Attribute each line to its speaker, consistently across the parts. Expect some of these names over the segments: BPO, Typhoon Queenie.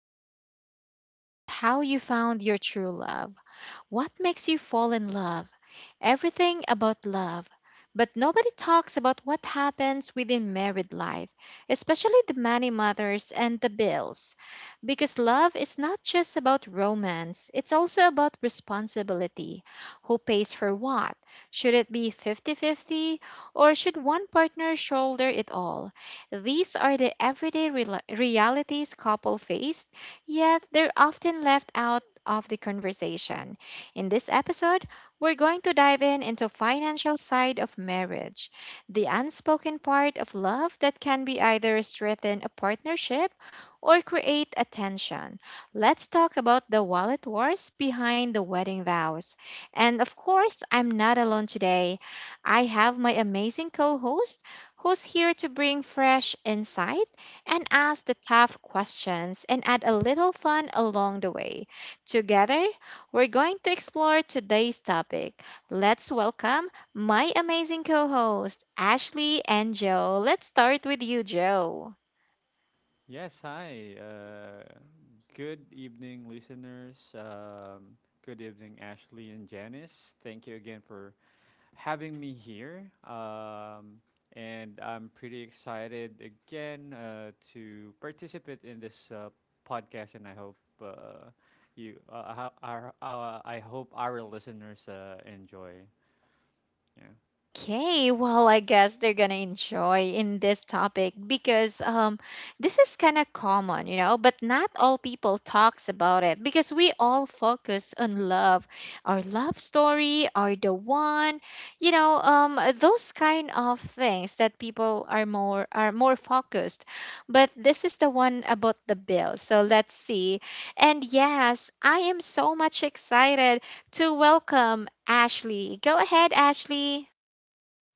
Speaker 1: Everybody talks about how you found your true love, what makes you fall in love, everything about love, but nobody talks about what happens within married life, especially the many mothers and the bills. Because love is not just about romance, it's also about responsibility. Who pays for what? Should it be 50-50, or should one partner shoulder it all? These are the everyday realities couple face, yet they're often left out of the conversation. In this episode, we're going to dive in into financial side of marriage, the unspoken part of love that can be either strengthen a partnership or create a tension. Let's talk about the wallet wars behind the wedding vows. And of course, I'm not alone today. I have my amazing co-host who's here to bring fresh insight and ask the tough questions and add a little fun along the way. Together, we're going to explore today's topic. Let's welcome my amazing co host, Ashley and Joe. Let's start with you, Joe.
Speaker 2: Yes, hi. Good evening, listeners. Good evening, Ashley and Janice. Thank you again for having me here. And I'm pretty excited again to participate in this podcast. And I hope you, ho- our, I hope our listeners enjoy. Yeah.
Speaker 1: Okay, well, I guess they're gonna enjoy in this topic because this is kind of common, but not all people talks about it because we all focus on love, our love story, or the one, those kind of things that people are more focused. But this is the one about the bill. So let's see. And yes, I am so much excited to welcome Ashley. Go ahead, Ashley.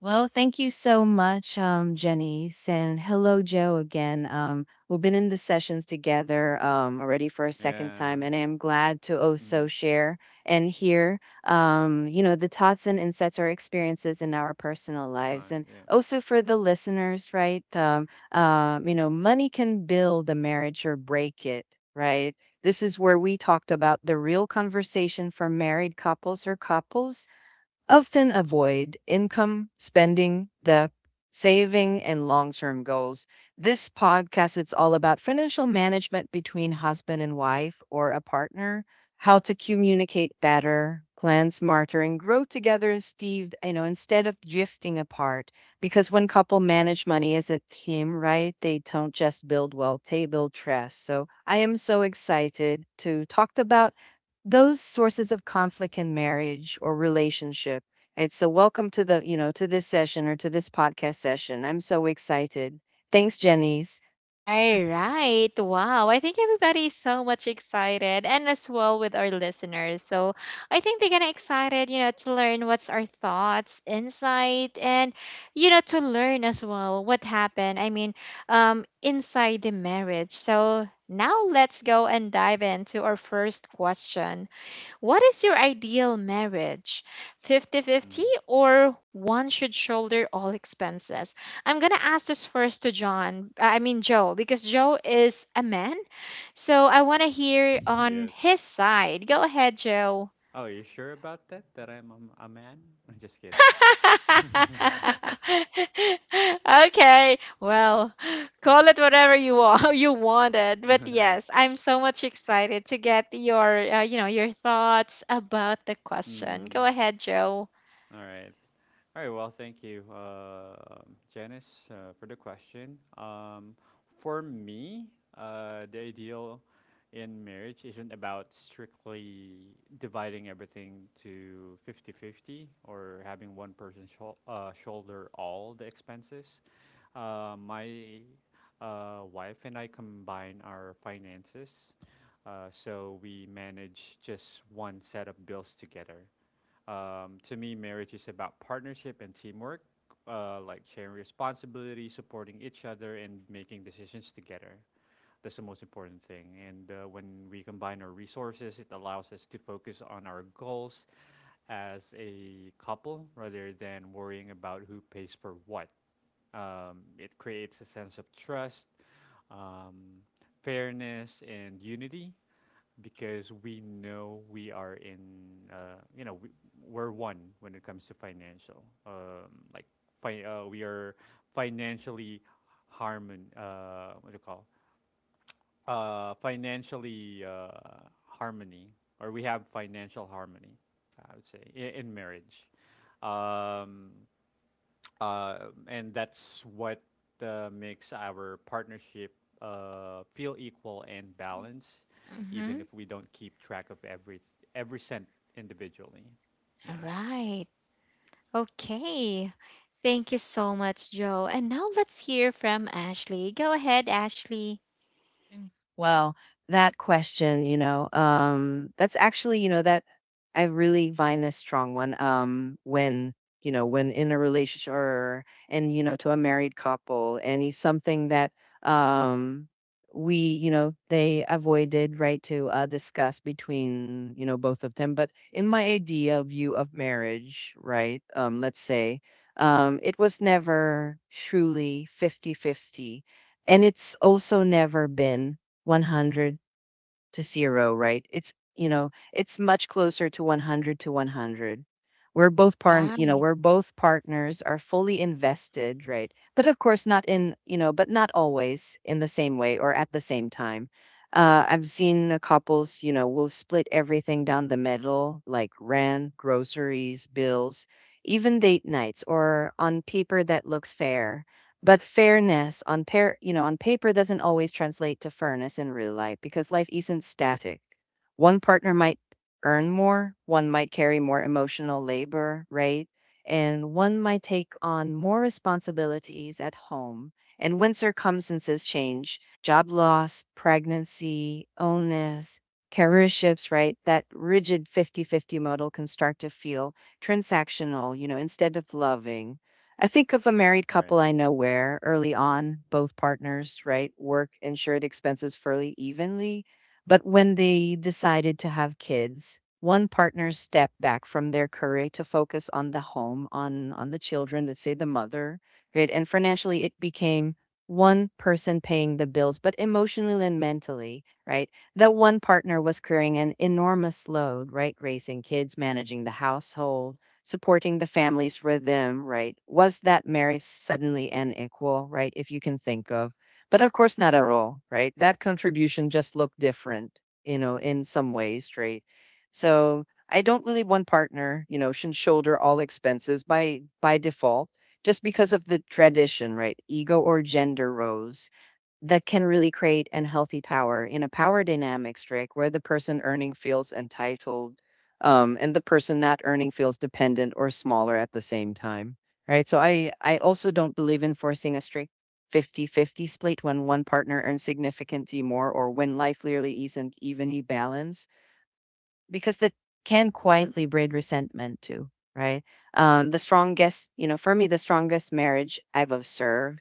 Speaker 3: Well, thank you so much, Janice, and hello, Joe, again. We've been in the sessions together already for a second
Speaker 2: Yeah.
Speaker 3: time, and I am glad to also
Speaker 2: Mm,
Speaker 3: share and hear, the thoughts and insights or experiences in our personal
Speaker 2: my,
Speaker 3: lives, and
Speaker 2: yeah.
Speaker 3: also for the listeners, right? Money can build a marriage or break it, right? This is where we talked about the real conversation for married couples or couples often avoid income, spending, debt, saving, and long-term goals. This podcast is all about financial management between husband and wife or a partner, how to communicate better, plan smarter, and grow together, Steve, instead of drifting apart. Because when couple manage money as a team, right, they don't just build wealth, they build trust. So I am so excited to talk about those sources of conflict in marriage or relationship. And so welcome to to this session or to this podcast session. I'm so excited. Thanks, Jenny's.
Speaker 1: All right. Wow. I think everybody's so much excited and as well with our listeners. So I think they're gonna excited, to learn what's our thoughts, insight, and to learn as well what happened. I mean, inside the marriage. So now let's go and dive into our first question. What is your ideal marriage? 50-50,
Speaker 2: Mhm.
Speaker 1: or one should shoulder all expenses? I'm going to ask this first to John, I mean, Joe, because Joe is a man. So I want to hear on
Speaker 2: Yes.
Speaker 1: his side. Go ahead, Joe.
Speaker 2: Oh, you sure about that? That I'm a man? Just kidding.
Speaker 1: Okay, well, call it whatever you want, you wanted, but
Speaker 2: All right.
Speaker 1: yes, I'm so much excited to get your thoughts about the question. Go
Speaker 2: Hmm.
Speaker 1: ahead, Joe.
Speaker 2: All right. All right, well, thank you, Janice, for the question. For me, the ideal in marriage isn't about strictly dividing everything to 50-50 or having one person shoulder all the expenses. My wife and I combine our finances, so we manage just one set of bills together. To me, marriage is about partnership and teamwork, like sharing responsibility, supporting each other, and making decisions together. That's the most important thing. And when we combine our resources, it allows us to focus on our goals as a couple rather than worrying about who pays for what. It creates a sense of trust, um, fairness, and unity because we know we are in you know we, we're one when it comes to financial we are financially harmon what do you call financially harmony, or we have financial harmony, I would say in marriage. um, uh, and that's what makes our partnership feel equal and balanced,
Speaker 1: Mm-hmm.
Speaker 2: even if we don't keep track of every cent individually.
Speaker 1: All
Speaker 2: Yeah.
Speaker 1: right. Okay. Thank you so much, Joe. And now let's hear from Ashley. Go ahead, Ashley.
Speaker 3: Mm. Well, that question, that's actually, that I really find a strong one. When when in a relationship or and to a married couple, and it's something that um they avoided right to discuss between both of them. But in my idea view of marriage, right? Let's say, it was never truly 50-50. And it's also never been 100 to 0, right? It's much closer to 100 to 100.
Speaker 1: Right.
Speaker 3: We're both partners are fully invested, right? But of course, not in, you know, but not always in the same way or at the same time. I've seen the couples, will split everything down the middle, like rent, groceries, bills, even date nights, or on paper that looks fair, but fairness on pair, you know, on paper doesn't always translate to fairness in real life because life isn't static. One partner might earn more, one might carry more emotional labor, right? And one might take on more responsibilities at home. And when circumstances change, job loss, pregnancy, illness, career shifts, right? That rigid 50-50 model can start to feel transactional, instead of loving. I think of a married
Speaker 2: Right.
Speaker 3: couple I know where early on, both partners, right, work insured expenses fairly evenly. But when they decided to have kids, one partner stepped back from their career to focus on the home, on the children, let's say the mother, right? And financially it became one person paying the bills, but emotionally and mentally, right? That one partner was carrying an enormous load, right? Raising kids, managing the household, supporting the family's rhythm, right? Was that marriage suddenly and equal, right? If you can think of. But of course, not at all, right? That contribution just looked different, in some ways, right? So I don't believe one partner, should shoulder all expenses by default, just because of the tradition, right? Ego or gender roles that can really create unhealthy power in a power dynamics, Rick, where the person earning feels entitled, and the person not earning feels dependent or smaller at the same time, right? So I also don't believe in forcing a strict 50-50 split when one partner earns significantly more or when life clearly isn't evenly balanced, because that can quietly breed resentment too, right? The strongest, you know, for me, the strongest marriage I've observed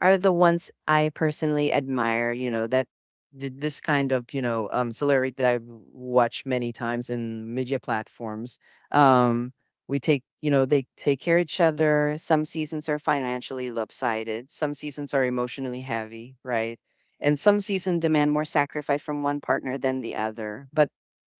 Speaker 3: are the ones I personally admire, that did this kind of, celebrity that I've watched many times in media platforms. Um we take, you know, they take care of each other. Some seasons are financially lopsided, some seasons are emotionally heavy, right? And some seasons demand more sacrifice from one partner than the other. But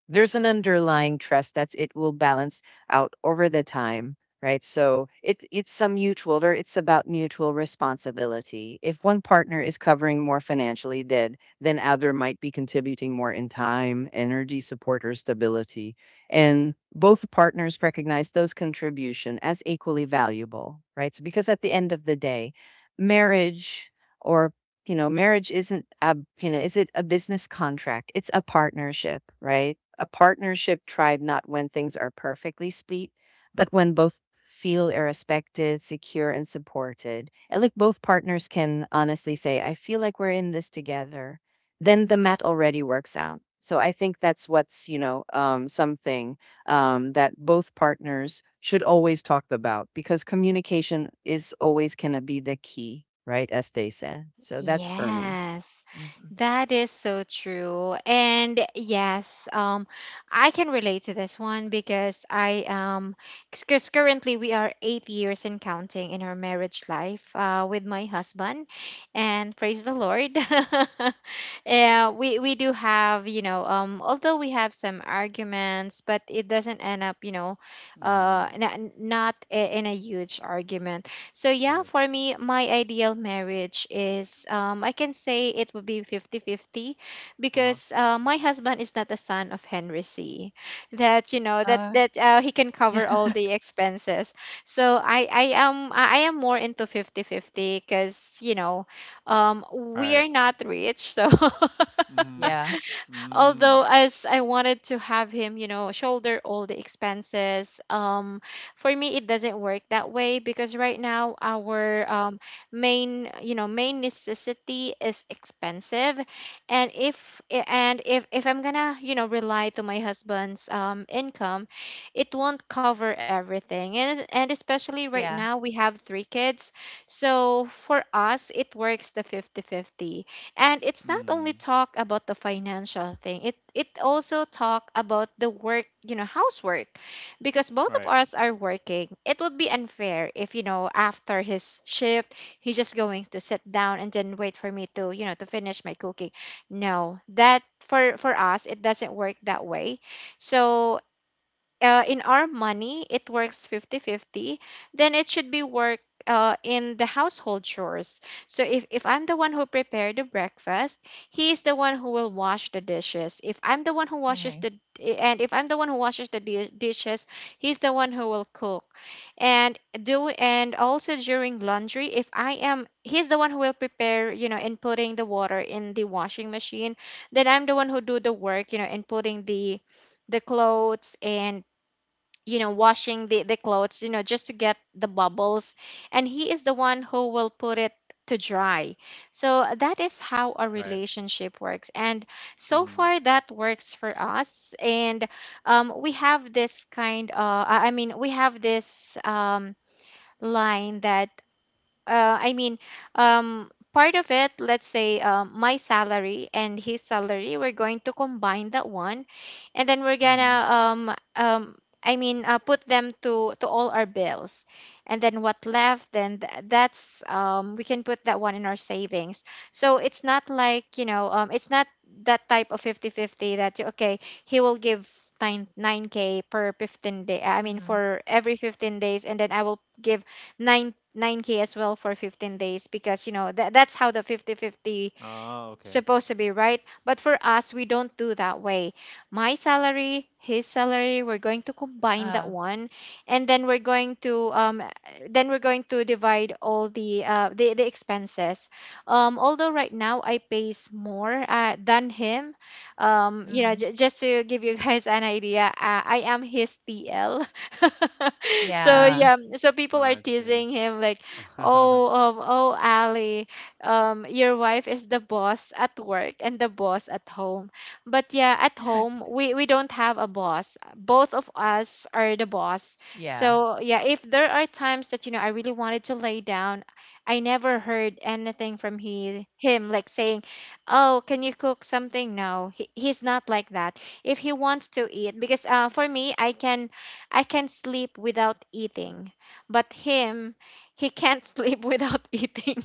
Speaker 3: there's an underlying trust that it will balance out over the time, right. So it's some mutual, or it's about mutual responsibility. If one partner is covering more financially, then other might be contributing more in time, energy, support, or stability. And both partners recognize those contribution as equally valuable, right. So because at the end of the day, marriage, or marriage isn't a, you know, is it a business contract? It's a partnership, right? A partnership tribe, not when things are perfectly split, but when both feel are respected, secure, and supported. And like both partners can honestly say, I feel like we're in this together, then the mat already works out. So I think that's something that both partners should always talk about because communication is always going to be the key, right? As they said. So that's for me.
Speaker 1: Yes,
Speaker 3: Mhm.
Speaker 1: that is so true. And yes, I can relate to this one because currently we are 8 years and counting in our marriage life with my husband, and praise the Lord. Yeah, we do have, although we have some arguments, but it doesn't end up,
Speaker 2: Mm-hmm.
Speaker 1: not in a huge argument. So yeah,
Speaker 2: Right.
Speaker 1: for me, my ideal marriage is, I can say it would be 50-50
Speaker 2: Uh-huh.
Speaker 1: because my husband is not the son of Henry C. That you know that
Speaker 3: Uh,
Speaker 1: that uh, he can
Speaker 3: Yeah.
Speaker 1: cover all the expenses. So I am more into 50-50 because we
Speaker 2: Right.
Speaker 1: are not rich, so
Speaker 2: Mm-hmm.
Speaker 3: Yeah,
Speaker 2: Mm.
Speaker 1: although as I wanted to have him, shoulder all the expenses, for me it doesn't work that way because right now our main necessity is expensive, and if I'm gonna, rely to my husband's income, it won't cover everything, and especially right
Speaker 3: yeah,
Speaker 1: now we have 3 kids, so for us it works the 50-50, and it's not only
Speaker 2: Mm.
Speaker 1: talk about the financial thing, it also talk about the work, housework, because both of
Speaker 2: Right.
Speaker 1: us are working. It would be unfair if, after his shift, he's just going to sit down and then wait for me to you know to finish my cooking. No, that for us it doesn't work that way. So in our money it works 50-50. Then it should be work in the household chores. So if I'm the one who prepared the breakfast, he is the one who will wash the dishes. If I'm the one who washes
Speaker 3: yeah.
Speaker 1: the and if I'm the one who washes the dishes, he's the one who will cook and do, and also during laundry, if I am, he's the one who will prepare, in putting the water in the washing machine, then I'm the one who do the work, in putting the clothes, and washing the clothes, just to get the bubbles, and he is the one who will put it to dry. So that is how a
Speaker 2: Right.
Speaker 1: relationship works, and so
Speaker 2: Mm-hmm.
Speaker 1: far that works for us. And we have this kind of I mean, we have this line that, I mean, part of it, let's say, my salary and his salary, we're going to combine that one, and then we're
Speaker 2: Mm-hmm.
Speaker 1: gonna, I mean, put them to all our bills, and then what left, then that's, we can put that one in our savings. So it's not like, it's not that type of 50 50 that you, okay, he will give. 9 9k per 15 day I mean
Speaker 3: Hmm.
Speaker 1: for every 15 days, and then I will give 9 9k as well for 15 days, because you know that that's how the 50 50
Speaker 2: Oh, okay.
Speaker 1: supposed to be, right? But for us we don't do that way. My salary, his salary, we're going to combine that
Speaker 3: Uh,
Speaker 1: one, and then we're going to divide all the expenses. Although right now I pays more than him.
Speaker 3: hmm,
Speaker 1: Just to give you guys an idea, I am his TL. So
Speaker 2: Mm.
Speaker 3: yeah,
Speaker 1: yeah, so people are
Speaker 2: I see.
Speaker 1: teasing him like, oh, oh ali, your wife is the boss at work and the boss at home. But yeah, at home, we don't have a boss. Both of us are the boss.
Speaker 3: yeah,
Speaker 1: So yeah, if there are times that, I really wanted to lay down, I never heard anything from him, like saying, oh, can you cook something? No, he's not like that. If he wants to eat, because for me, I can sleep without eating. But him, he can't sleep without eating.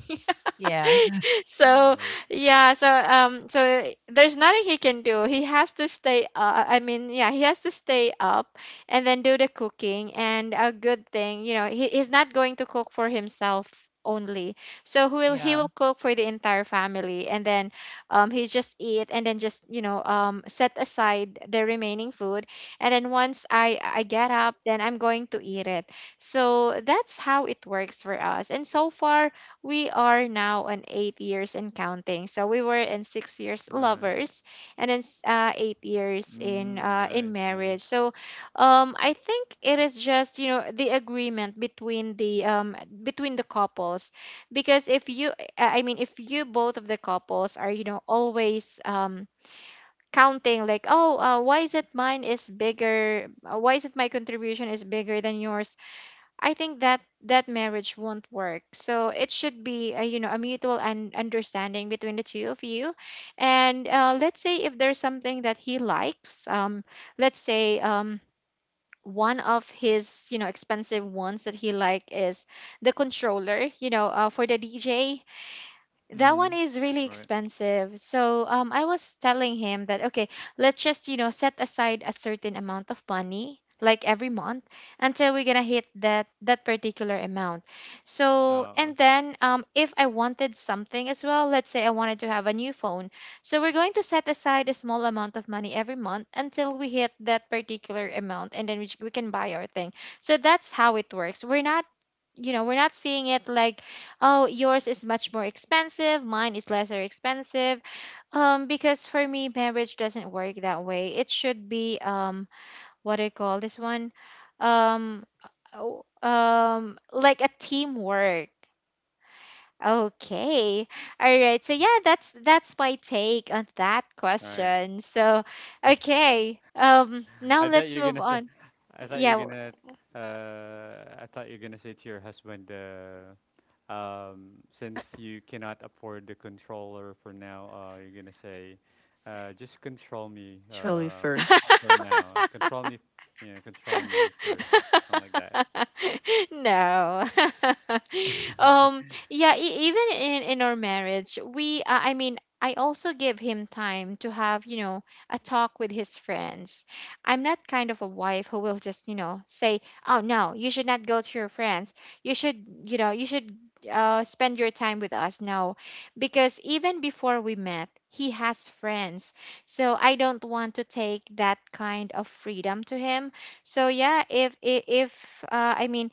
Speaker 3: yeah,
Speaker 2: Mm,
Speaker 1: So
Speaker 2: right.
Speaker 1: yeah, so there's nothing he can do. He has to stay. I mean, yeah, he has to stay up and then do the cooking. And a good thing, he's not going to cook for himself only, so he will
Speaker 3: yeah.
Speaker 1: cook for the entire family, and then he just eat, and then just set aside the remaining food, and then once I get up, then I'm going to eat it. So that's how it works for us. And so far, we are now on 8 years and counting. So we were in 6 years
Speaker 2: Nice.
Speaker 1: lovers, and then 8 years in
Speaker 2: Mm,
Speaker 1: in
Speaker 2: nice,
Speaker 1: marriage.
Speaker 2: nice.
Speaker 1: So I think it is just the agreement between the couples, because if you I mean if you, both of the couples are, always, counting, like, oh, why is it mine is bigger, why is it my contribution is bigger than yours, I think that that marriage won't work. So it should be a, a mutual and understanding between the two of you. And let's say if there's something that he likes, let's say, one of his expensive ones that he like is the controller, for the DJ. That one
Speaker 2: Mm-hmm.
Speaker 1: is really
Speaker 2: Right.
Speaker 1: expensive. So I was telling him that, okay, let's just set aside a certain amount of money, like every month, until we're gonna hit that particular amount. So
Speaker 2: Oh.
Speaker 1: and then, if I wanted something as well, let's say I wanted to have a new phone, so we're going to set aside a small amount of money every month until we hit that particular amount, and then we can buy our thing. So that's how it works. We're not seeing it like, oh, yours is much more expensive, mine is lesser expensive. Because for me, marriage doesn't work that way. It should be, what I call this one, um, oh, like a teamwork. Okay. All right. So
Speaker 2: Mhm.
Speaker 1: yeah, that's my take on that
Speaker 2: Alright.
Speaker 1: question. So,
Speaker 2: I th
Speaker 1: okay. Now
Speaker 2: I thought
Speaker 1: let's
Speaker 2: you're
Speaker 1: move
Speaker 2: gonna say
Speaker 1: on.
Speaker 2: I thought you're
Speaker 1: Yeah.
Speaker 2: gonna I thought you're gonna say to your husband, since you cannot afford the controller for now, you're gonna say, just control me,
Speaker 3: Shirley
Speaker 1: w-
Speaker 3: first.
Speaker 2: for now. Control me, yeah, control me first, something like that.
Speaker 1: no. um yeah, even in our marriage, we I mean, I also give him time to have, a talk with his friends. I'm not kind of a wife who will just, say, "Oh no, you should not go to your friends. You should spend your time with us." No, because even before we met, he has friends. So I don't want to take that kind of freedom to him. So yeah, if I mean,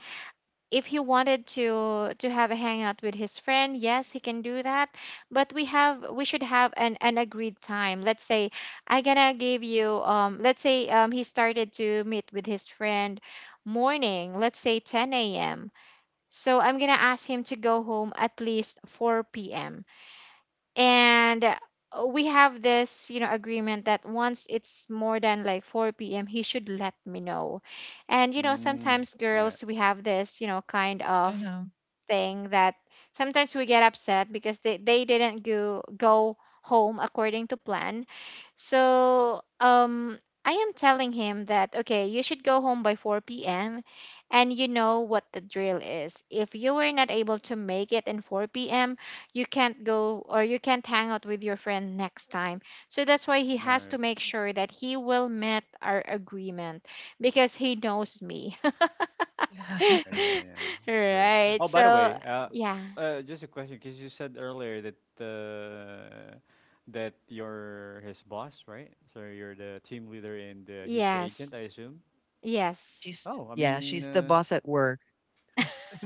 Speaker 1: if he wanted to have a hangout with his friend, yes, he can do that. But we should have an agreed time. Let's say I gonna give you Let's say he started to meet with his friend morning. Let's say 10 a.m. So I'm gonna ask him to go home at least 4 p.m. and we have this agreement that once it's more than like 4 p.m. he should let me know. And
Speaker 2: Mm,
Speaker 1: sometimes
Speaker 2: yeah,
Speaker 1: girls, we have this, kind
Speaker 3: I
Speaker 1: of
Speaker 3: know.
Speaker 1: thing that sometimes we get upset because they didn't go home according to plan. So I am telling him that, okay, you should go home by 4 p.m. and you know what the drill is. If you were not able to make it in 4 p.m., you can't go or you can't hang out with your friend next time. So that's why he has
Speaker 2: no.
Speaker 1: to make sure that he will meet our agreement because he knows me.
Speaker 2: Oh yeah, yeah, it's true.
Speaker 1: Right.
Speaker 2: Oh, by the
Speaker 1: So,
Speaker 2: way,
Speaker 1: yeah.
Speaker 2: just a question, because you said earlier uh, that you're his boss, right? So you're the team leader and he's the agent,
Speaker 1: Yes.
Speaker 2: I assume.
Speaker 1: Yes.
Speaker 3: She's
Speaker 2: Oh, I
Speaker 3: yeah,
Speaker 2: mean,
Speaker 3: she's the boss at work.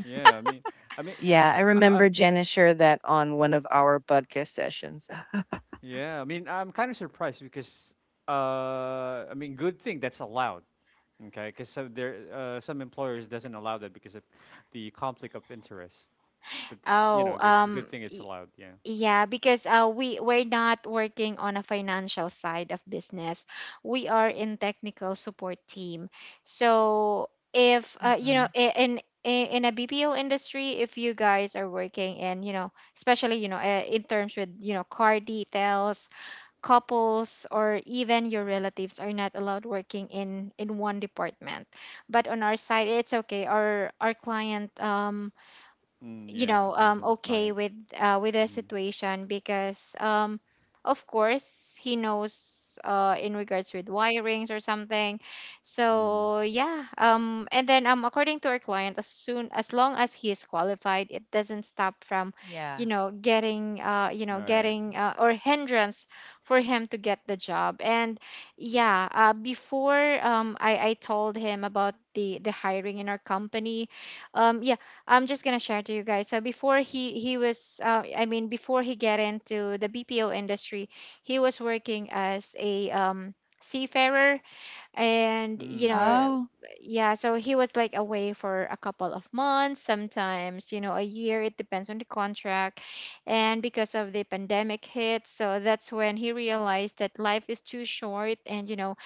Speaker 2: yeah, I mean,
Speaker 3: Yeah, I
Speaker 2: I-
Speaker 3: remember
Speaker 2: I'm
Speaker 3: Janice shared that on one of our podcast sessions. Ah.
Speaker 2: yeah, I mean, I'm kind of surprised because I mean, good thing that's allowed. Okay, because so there, some employers doesn't allow that because of the conflict of interest. But
Speaker 1: Oh,
Speaker 2: good
Speaker 1: um
Speaker 2: good thing it's
Speaker 1: y-
Speaker 2: allowed. Yeah.
Speaker 1: yeah, because we're not working on a financial side of business. We are in technical support team. So, if you know
Speaker 3: Mm-mm.
Speaker 1: I- in a BPO industry, if you guys are working in, especially, in terms with, car details, couples or even your relatives are not allowed working in one department. But on our side it's okay. Our client,
Speaker 2: Mm, yeah, it depends on the
Speaker 1: okay
Speaker 2: client.
Speaker 1: with the
Speaker 2: Mhm.
Speaker 1: situation because, of course, he knows, in regards with wirings or something.
Speaker 2: Mhm.
Speaker 1: So yeah, and then, according to our client, as soon as long as he is qualified, it doesn't stop from
Speaker 3: Yeah.
Speaker 1: getting,
Speaker 2: Alright.
Speaker 1: getting, or hindrance for him to get the job. And yeah. Before I told him about the hiring in our company. Yeah, I'm just gonna share to you guys. So before he was, I mean, before he get into the BPO industry, he was working as a, seafarer, and you
Speaker 2: Mm, right.
Speaker 1: know,
Speaker 3: Oh.
Speaker 1: yeah. So he was like away for a couple of months, sometimes, you know, a year. It depends on the contract, and because of the pandemic hit, so that's when he realized that life is too short. And you know,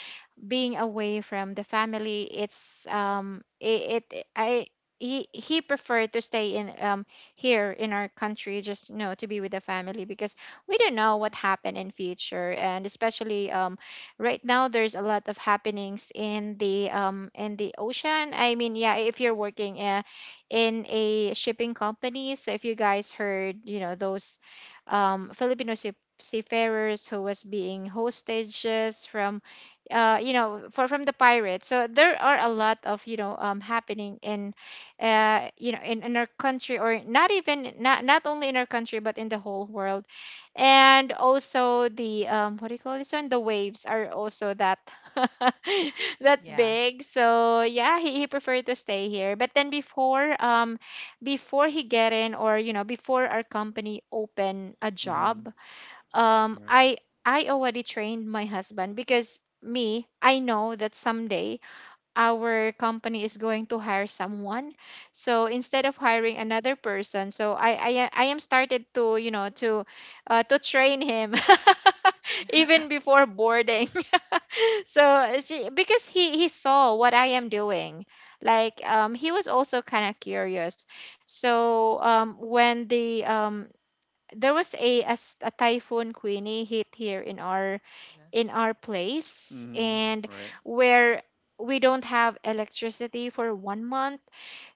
Speaker 1: being away from the family, it's it, it I he preferred to stay in, here in our country, just, to be with the family, because we don't know what happened in future. And especially, right now, there's a lot of happenings in the ocean. I mean, yeah, if you're working, in a shipping company. So if you guys heard, those, Filipino seafarers who was being hostages from, you know, for from the pirates. So there are a lot of, happening in, in our country. Or not only in our country, but in the whole world. And also the, what do you call this one? The waves are also that, that
Speaker 3: Yeah.
Speaker 1: big. So yeah, he preferred to stay here. But then before before he get in or you know before our company open a
Speaker 2: Mhm.
Speaker 1: job, um
Speaker 2: Right.
Speaker 1: i I already trained my husband. Because me, I know that someday our company is going to hire someone, so instead of hiring another person, so I am started to, to train him. Even before boarding. So because he saw what I am doing, like, he was also kind of curious. So when the there was a, a typhoon Queenie hit here in our
Speaker 3: Yeah.
Speaker 1: place.
Speaker 2: Mhm.
Speaker 1: And
Speaker 2: Right.
Speaker 1: where we don't have electricity for one month.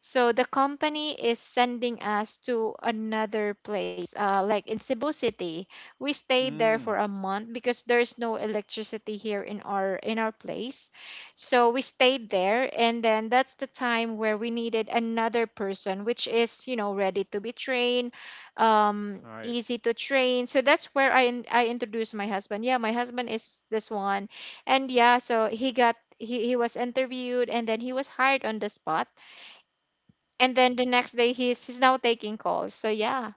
Speaker 1: So the company is sending us to another place, like in Cebu City. We stay there
Speaker 2: Mm,
Speaker 1: for a month because there's no electricity here in our place. So we stayed there, and then that's the time where we needed another person, which is, ready to be trained,
Speaker 2: alright.
Speaker 1: easy to train. So that's where I introduced my husband. Yeah, my husband is this one, and yeah, so he got. He was interviewed, and then he was hired on the spot. And then the next day, he's now taking calls. So yeah.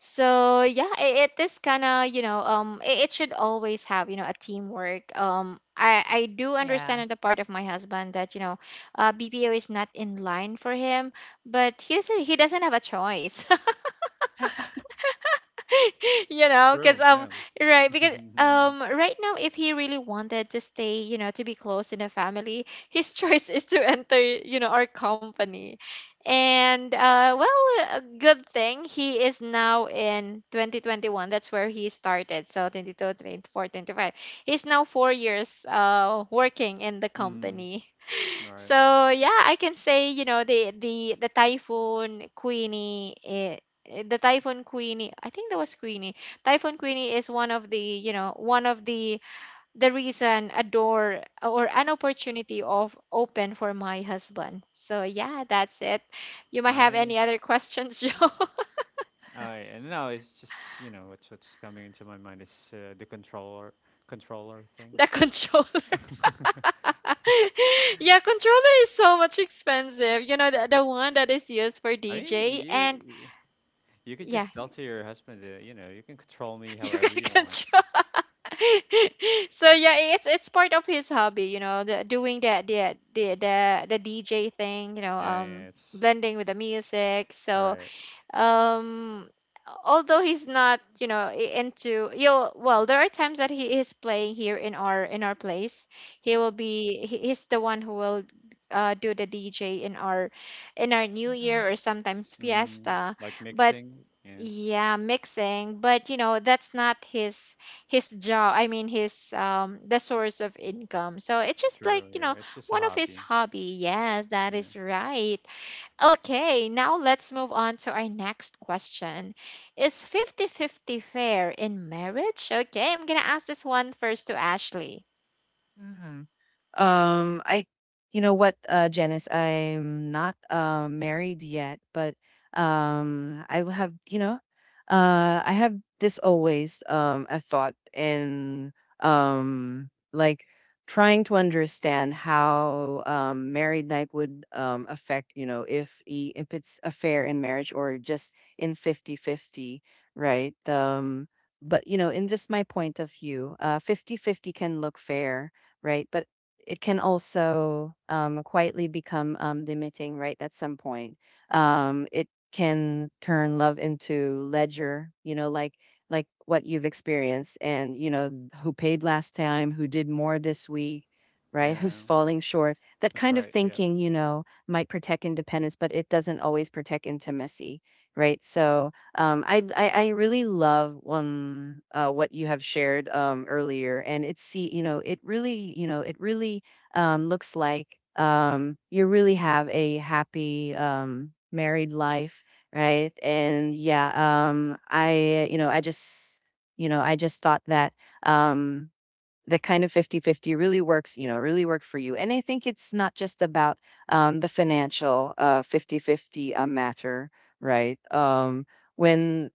Speaker 1: It is kind of, it should always have, a teamwork. I do understand,
Speaker 3: Yeah.
Speaker 1: on the part of my husband, that, BPO is not in line for him, but he doesn't have a choice. You know, because,
Speaker 2: True, yeah.
Speaker 1: right, because, right now, if he really wanted to stay, you know, to be close in a family, his choice is to enter, you know, our company. And well, a good thing he is now in 2021. That's where he started. So 22 24 25, he's now 4 years working in the
Speaker 2: Mhm.
Speaker 1: company.
Speaker 2: Right.
Speaker 1: So yeah, I can say, you know, the typhoon Queenie. I think that was Queenie. Typhoon Queenie is one of the, the reason, a door or an opportunity of open for my husband. So yeah, that's it. You might have any
Speaker 2: Nice.
Speaker 1: other questions, Joe?
Speaker 2: Alright, and now it's just, what's coming into my mind is the controller thing.
Speaker 1: The controller. Yeah, controller is so much expensive. You know, the one that is used for
Speaker 2: I mean,
Speaker 1: DJ. And
Speaker 2: you could
Speaker 1: yeah,
Speaker 2: just tell to your husband that, you can control me
Speaker 1: You
Speaker 2: however
Speaker 1: can
Speaker 2: you want.
Speaker 1: control. So yeah, it's part of his hobby, you know, doing that the DJ thing, you know,
Speaker 2: Yeah, yeah, it's
Speaker 1: blending with the music. So,
Speaker 2: right.
Speaker 1: um, although he's not, you know, into you. Well, there are times that he is playing here in our place. He will be. He's the one who will. Do the DJ in our New
Speaker 3: um,
Speaker 1: Year or sometimes
Speaker 2: Mm,
Speaker 1: fiesta.
Speaker 2: like
Speaker 1: But
Speaker 2: mixing, yeah.
Speaker 1: yeah, mixing. But you know, that's not his job. I mean, his, the source of income. So it's just like,
Speaker 2: True,
Speaker 1: you
Speaker 2: yeah,
Speaker 1: know,
Speaker 2: it's just a
Speaker 1: one of his
Speaker 2: hobby.
Speaker 1: hobby. Yes, that
Speaker 2: Yeah,
Speaker 1: is right. Okay, now let's move on to our next question. Is fifty fifty fair in marriage? Okay, I'm gonna ask this one first to Ashley.
Speaker 3: mhm. I, you know what, Janice, I'm not married yet, but I will have, you know, I have this always a thought in like trying to understand how married life would affect, if if it's a fair in marriage or just in 50-50, right? But in just my point of view, 50-50 can look fair, right? But it can also quietly become limiting, right? At some point, it can turn love into ledger, like what you've experienced, and who paid last time, who did more this week, right? Who's
Speaker 2: yeah,
Speaker 3: falling short? That
Speaker 2: that's
Speaker 3: kind of
Speaker 2: right. Yeah,
Speaker 3: thinking, might protect independence, but it doesn't always protect intimacy, right? So I really love what you have shared earlier, and it's see you know it really you know it really looks like you really have a happy married life, right? And yeah, I you know I just you know I just thought that um the kind of 50-50 really works, really work for you, and I think it's not just about the financial, 50 fifty matter, right. When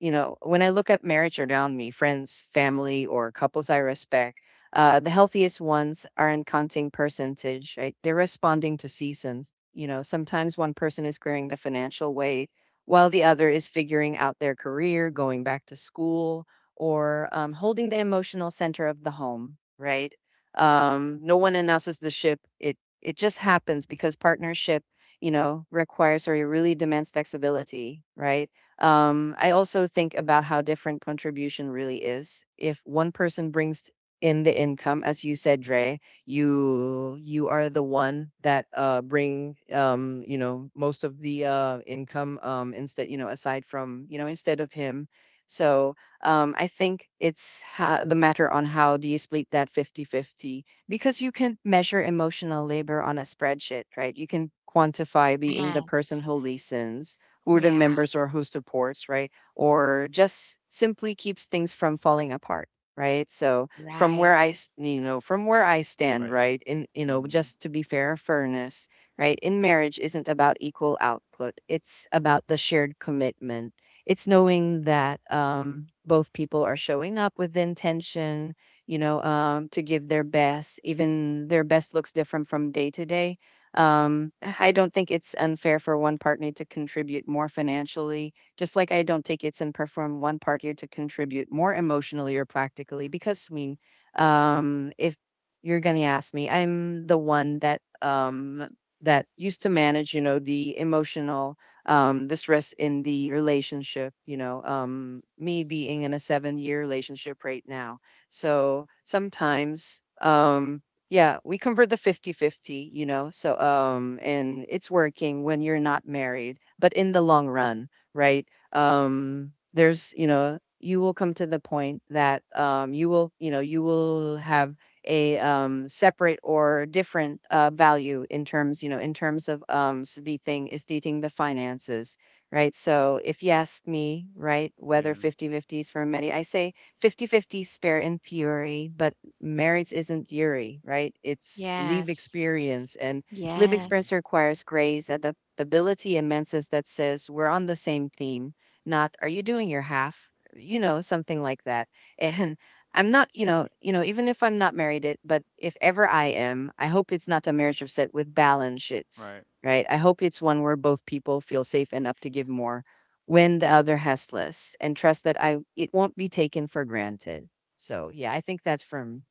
Speaker 3: when I look at marriage around me, friends, family, or couples I respect, the healthiest ones aren't counting percentage, right? They're responding to seasons. Sometimes one person is carrying the financial weight while the other is figuring out their career, going back to school, or holding the emotional center of the home, right? No one announces the ship. It just happens because partnership, requires or it really demands flexibility, right? I also think about how different contribution really is. If one person brings in the income, as you said, Dre, you are the one that bring most of the income, instead you know aside from you know instead of him. So I think it's the matter on how do you split that 50-50 because you can measure emotional labor on a spreadsheet, right? You can quantify being the person
Speaker 1: Yes.
Speaker 3: who listens or the
Speaker 1: Yeah,
Speaker 3: members or who supports, right? Or just simply keeps things from falling apart, right? So
Speaker 1: right.
Speaker 3: from where I stand,
Speaker 2: right.
Speaker 3: right? In, you know,
Speaker 2: Mhm.
Speaker 3: just to be fair, fairness, right. In marriage isn't about equal output. It's about the shared commitment. It's knowing that both people are showing up with intention, to give their best, even their best looks different from day to day. I don't think it's unfair for one partner to contribute more financially, just like I don't think it's unfair for one partner to contribute more emotionally or practically. Because I mean, if you're gonna ask me, I'm the one that used to manage, the emotional the stress in the relationship, me being in a 7-year relationship right now. So sometimes yeah, we convert the 50-50. So and it's working when you're not married, but in the long run, right? There's, you will come to the point that you will have a separate or different value in terms, in terms of the thing is dating the finances, right? So if you ask me, right, whether
Speaker 2: Yeah.
Speaker 3: 50-50 is for many, I say 50 fifty spare and fury, but marriage isn't Yuri, right? It's live
Speaker 1: Yes.
Speaker 3: experience, and live
Speaker 2: Mhm.
Speaker 3: experience
Speaker 1: Yes.
Speaker 3: requires grace, adaptability, and menses that says we're on the same theme, not are you doing your half? Something like that. And I'm not, even if I'm not married, but if ever I am, I hope it's not a marriage upset with balance shits,
Speaker 2: Right.
Speaker 3: right? I hope it's one where both people feel safe enough to give more when the other has less and trust that I it won't be taken for granted. So, yeah, I think that's from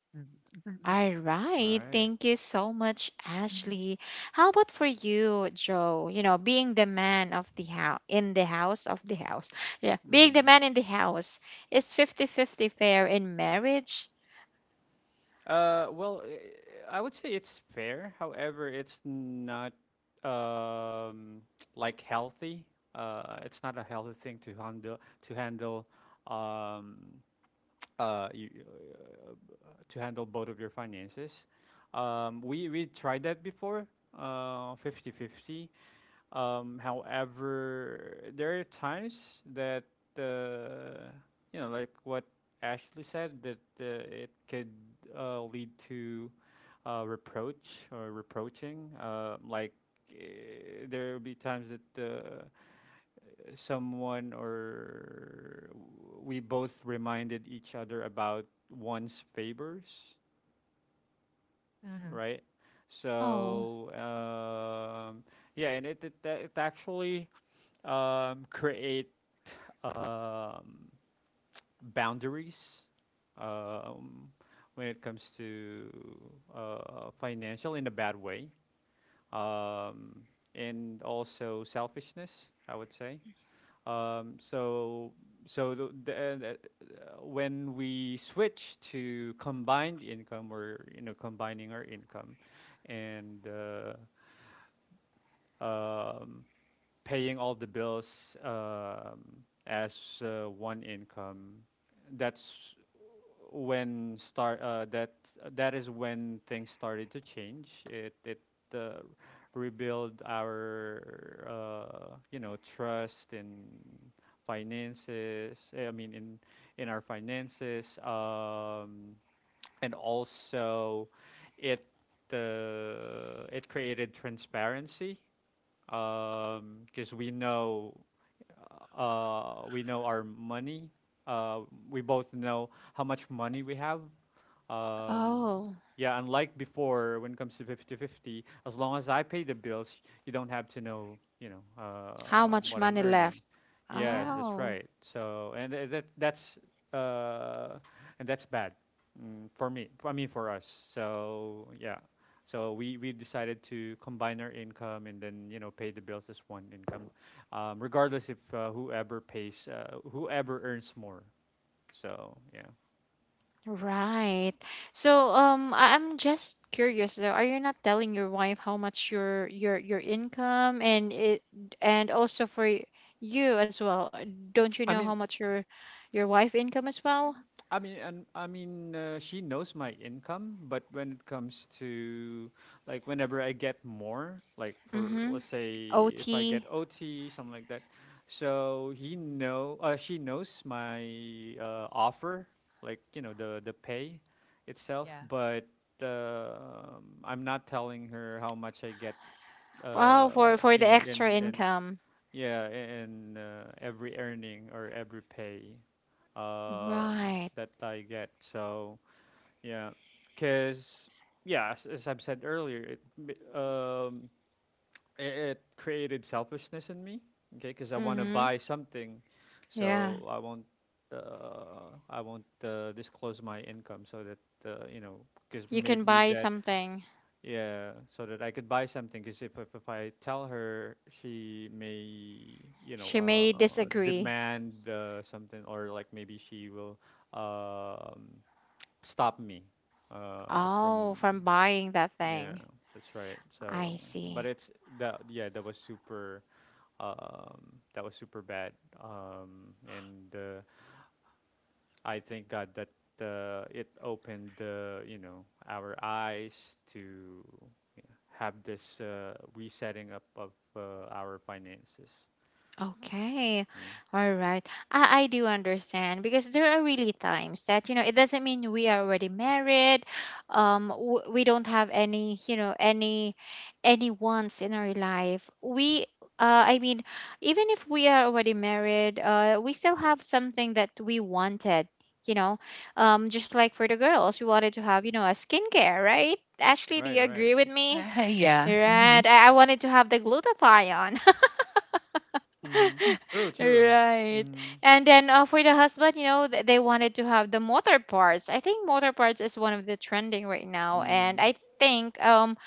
Speaker 3: mhm,
Speaker 1: All
Speaker 2: All
Speaker 1: right.
Speaker 2: right.
Speaker 1: Thank you so much,
Speaker 3: mhm.
Speaker 1: Ashley. How about for you, Joe? You know, being the man of the house, in the house of the house. Yeah. Being the
Speaker 2: Mhm.
Speaker 1: man in the house. Is fifty-fifty, fair in marriage?
Speaker 2: Well, I would say it's fair. However, it's not um like healthy. It's not a healthy thing um uh, you, uh, to handle both of your finances. We tried that before, 50 50. However, there are times that uh, you know, like what Ashley said, that it could lead to reproach or reproaching. Like, uh, there will be times that someone or we both reminded each other about one's favors, right?
Speaker 1: Oh,
Speaker 2: So yeah, and it actually create um, boundaries um, when it comes to financial in a bad way, um, and also selfishness. I would say. Um, so so uh, when we switch to combined income, we're combining our income, and um, paying all the bills as one income. That's when start uh, that that is when things started to change. It it uh, rebuild our trust in finances, I mean, in our finances. And also it it created transparency because we know our money. Uh, we both know how much money we have. Um,
Speaker 1: oh.
Speaker 2: yeah, unlike before, when it comes to 50-50, as long as I pay the bills, you don't have to know,
Speaker 1: How much
Speaker 2: what I'm
Speaker 1: money
Speaker 2: earning.
Speaker 1: left?
Speaker 2: Yes,
Speaker 3: Yeah,
Speaker 2: that's
Speaker 1: Oh.
Speaker 2: right. So, and that that's uh, and that's bad, for me. I mean, for us. So, yeah. So we decided to combine our income and then pay the bills as one income, regardless if whoever earns more. So yeah,
Speaker 1: Right. So I'm just curious though, are you not telling your wife how much your income? And it, and also for you as well? Don't you know
Speaker 2: I
Speaker 1: how
Speaker 2: mean
Speaker 1: much your wife income as well?
Speaker 2: I mean, and I mean, she knows my income, but when it comes to like whenever I get more, like for
Speaker 1: Mm-hmm.
Speaker 2: let's say if I get
Speaker 1: OT.
Speaker 2: OT, something like that. So she knows my offer, like the pay itself,
Speaker 3: yeah.
Speaker 2: but I'm not telling her how much I get,
Speaker 1: Wow, for
Speaker 2: you
Speaker 1: the
Speaker 2: know,
Speaker 1: extra
Speaker 2: in
Speaker 1: income.
Speaker 2: yeah, and every earning or every pay
Speaker 1: Right.
Speaker 2: that I get. So yeah, because yeah, as I've said earlier, um, i- it created selfishness in me. Okay, because I want to
Speaker 1: Mm-hmm.
Speaker 2: buy something,
Speaker 1: Yeah.
Speaker 2: so I won't disclose my income so that you know because
Speaker 1: You can
Speaker 2: maybe
Speaker 1: buy
Speaker 2: that,
Speaker 1: something.
Speaker 2: yeah, so that I could buy something. Because if I tell her, she may
Speaker 1: She may disagree.
Speaker 2: demand something, or like maybe she will um, stop me
Speaker 1: Oh,
Speaker 2: from.
Speaker 1: from buying that
Speaker 2: Yeah,
Speaker 1: thing.
Speaker 2: that's right.
Speaker 1: I
Speaker 2: So, but
Speaker 1: see.
Speaker 2: it's that Yeah, that was super bad. And I thank God that it opened our eyes to, yeah, have this resetting up of our finances.
Speaker 1: Okay.
Speaker 2: Yeah.
Speaker 1: All right. I do understand because there are really times that, you know, it doesn't mean we are already married. We don't have any, you know, any wants in our life. I mean, even if we are already married, we still have something that we wanted. You know, just like for the girls, we wanted to have, you know, a skincare, right? Ashley, do
Speaker 2: Right.
Speaker 1: you
Speaker 2: Right.
Speaker 1: agree with me?
Speaker 3: Yeah. Mhm.
Speaker 1: Right. I wanted to have the glutathione.
Speaker 2: Mm-hmm. True. True.
Speaker 1: Right.
Speaker 2: Mm-hmm.
Speaker 1: And then for the husband, you know, they wanted to have the motor parts. I think motor parts is one of the trending right now. And
Speaker 2: Mm-hmm.
Speaker 1: I think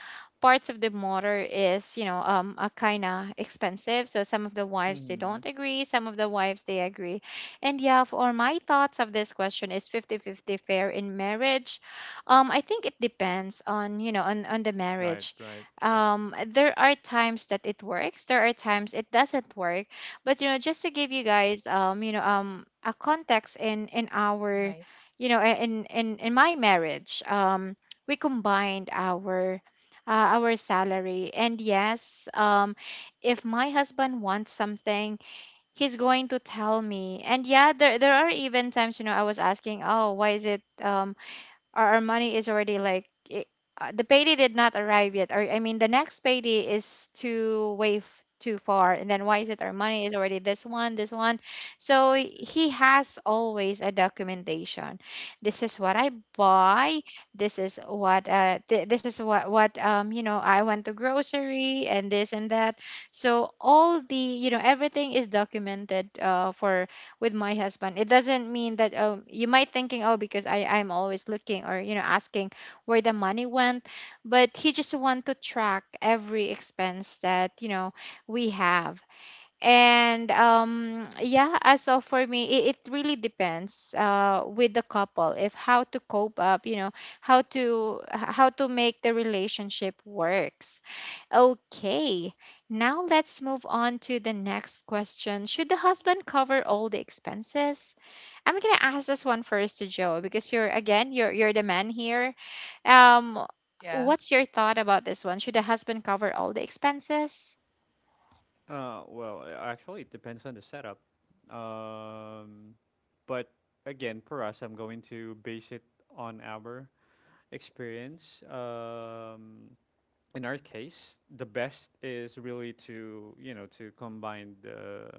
Speaker 1: parts of the motor is, a kind of expensive. So some of the wives they
Speaker 2: Mm-hmm.
Speaker 1: don't agree, some of the wives they agree. And yeah, for my thoughts of this question is fifty-fifty fair in marriage? I think it depends, on you know, on the
Speaker 2: Right.
Speaker 1: marriage.
Speaker 2: Right. Yes.
Speaker 1: There are times that it works, there are times it doesn't work. But just to give you guys, a context in our,
Speaker 3: Right.
Speaker 1: in my marriage. We combined our salary. And yes, if my husband wants something, he's going to tell me. And yeah, there are even times, I was asking, oh, why is it our money is already like it, the payday did not arrive yet. Or I mean the next payday is too way too far and then why is it our money is already this one this one. So he has always a documentation. This is what I buy. This is what this is what what I went to grocery and this and that. So all the everything is documented for with my husband. It doesn't mean that, oh, you might thinking, oh, because I'm always looking or, you know, asking where the money went, but he just want to track every expense that, you know, we have. And yeah, so for me it really depends with the couple if how to cope up, you know, how to make the relationship works. Okay, now let's move on to the next question. Should the husband cover all the expenses? I'm gonna ask this one first to Joe because you're again you're the man here. Um,
Speaker 3: Yeah.
Speaker 1: what's your thought about this one? Should the husband cover all the expenses,
Speaker 2: Well, actually, it depends on the setup. Um. But again, for us, I'm going to base it on our experience. In our case, the best is really to you know to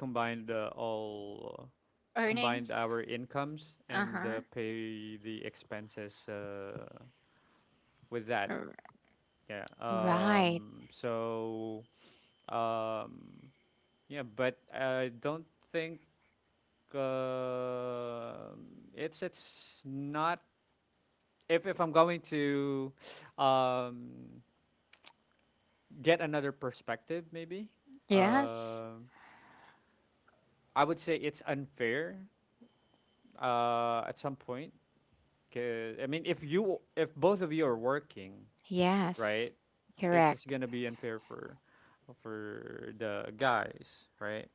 Speaker 2: combine the all combine
Speaker 1: earnings?
Speaker 2: our incomes
Speaker 1: Uh
Speaker 2: and
Speaker 1: huh.
Speaker 2: pay the expenses with that. Yeah.
Speaker 1: Right.
Speaker 2: So, um, yeah, but I don't think uh, it's not if I'm going to um, get another perspective, maybe
Speaker 1: Yes.
Speaker 2: uh, I would say it's unfair at some point. I mean, if both of you are working,
Speaker 1: Yes.
Speaker 2: right, it's just
Speaker 1: Correct.
Speaker 2: gonna be unfair for the guys, right?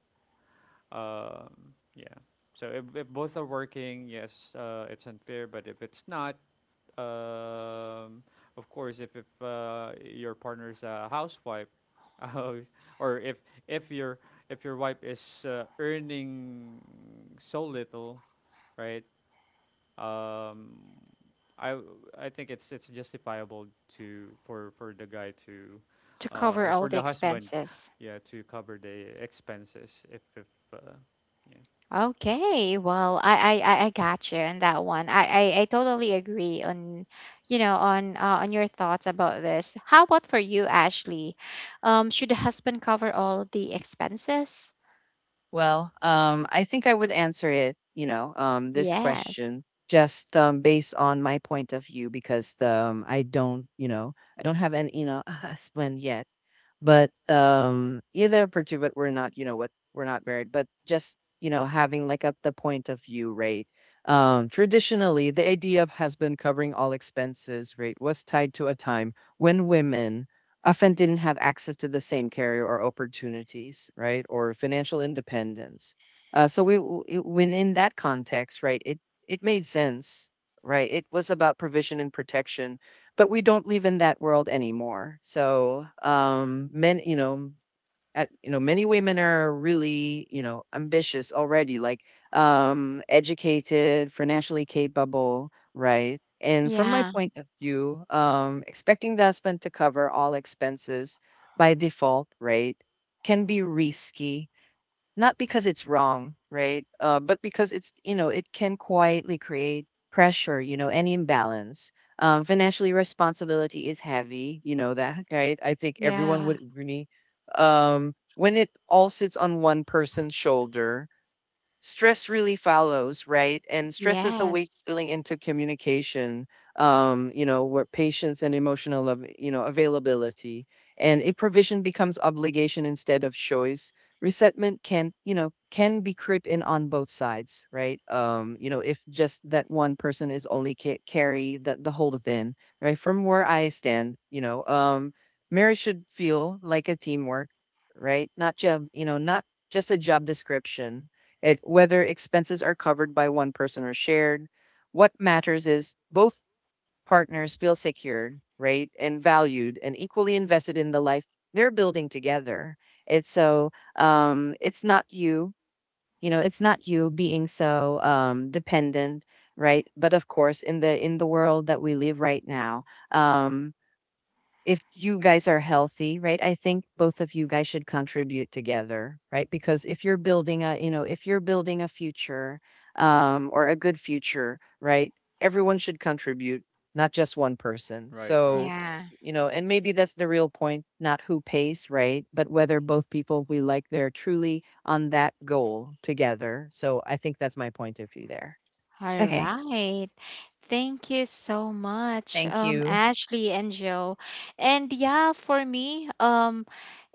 Speaker 2: Yeah, so if both are working, yes, it's unfair but if it's not. Um, of course, if your partner's a housewife, uh, or if your if your wife is earning so little, right? Um, I w- I think it's justifiable to for the guy to,
Speaker 1: To cover
Speaker 2: or
Speaker 1: all
Speaker 2: for
Speaker 1: the
Speaker 2: the husband,
Speaker 1: expenses.
Speaker 2: yeah, to cover the expenses if uh, yeah.
Speaker 1: Okay, well, I got you on that one. I totally agree on, you know, on your thoughts about this. How about for you, Ashley? Should the husband cover all the expenses?
Speaker 3: Well, I think I would answer it, this
Speaker 1: Yes.
Speaker 3: question just based on my point of view because I don't, I don't have an, husband yet. But yeah, they're pursued, but we're not, you know what, we're not married. But just having like up the point of view rate. Traditionally, the idea of husband covering all expenses rate was tied to a time when women often didn't have access to the same career or opportunities, right, or financial independence. So when in that context, right, it made sense, right? It was about provision and protection, but we don't live in that world anymore. So, men, at, many women are really, ambitious already, like educated, financially capable, right? And from my
Speaker 1: Yeah.
Speaker 3: point of view, expecting the husband to cover all expenses by default, right, can be risky, not because it's wrong, right? But because it's, it can quietly create pressure, any imbalance. Financially responsibility is heavy, you know that, right? I think everyone
Speaker 1: Yeah.
Speaker 3: would agree. When it all sits on one person's shoulder, stress really follows, right? And stress is a way
Speaker 1: Yes.
Speaker 3: feeling into communication, where patience and you know, availability. And a provision becomes obligation instead of choice. Resentment can, can be creeping on both sides, right? If just that one person is only carry the whole thing, right? From where I stand, marriage should feel like a teamwork, right? Not job, not just a job description, whether expenses are covered by one person or shared. What matters is both partners feel secured, right, and valued, and equally invested in the life they're building together. It's so it's not you, it's not you being so dependent, right? But of course, in the world that we live right now, um, if you guys are healthy, right? I think both of you guys should contribute together, right? Because if you're building a, if you're building a future or a good future, right? Everyone should contribute, not just one person.
Speaker 2: Right,
Speaker 3: So,
Speaker 2: right,
Speaker 1: Yeah.
Speaker 3: and maybe that's the real point, not who pays, right? But whether both people we like, they're truly on that goal together. So I think that's my point of view there.
Speaker 1: All
Speaker 3: Okay.
Speaker 1: right. Thank you so much,
Speaker 3: Thank you,
Speaker 1: Ashley and Joe. And yeah, for me,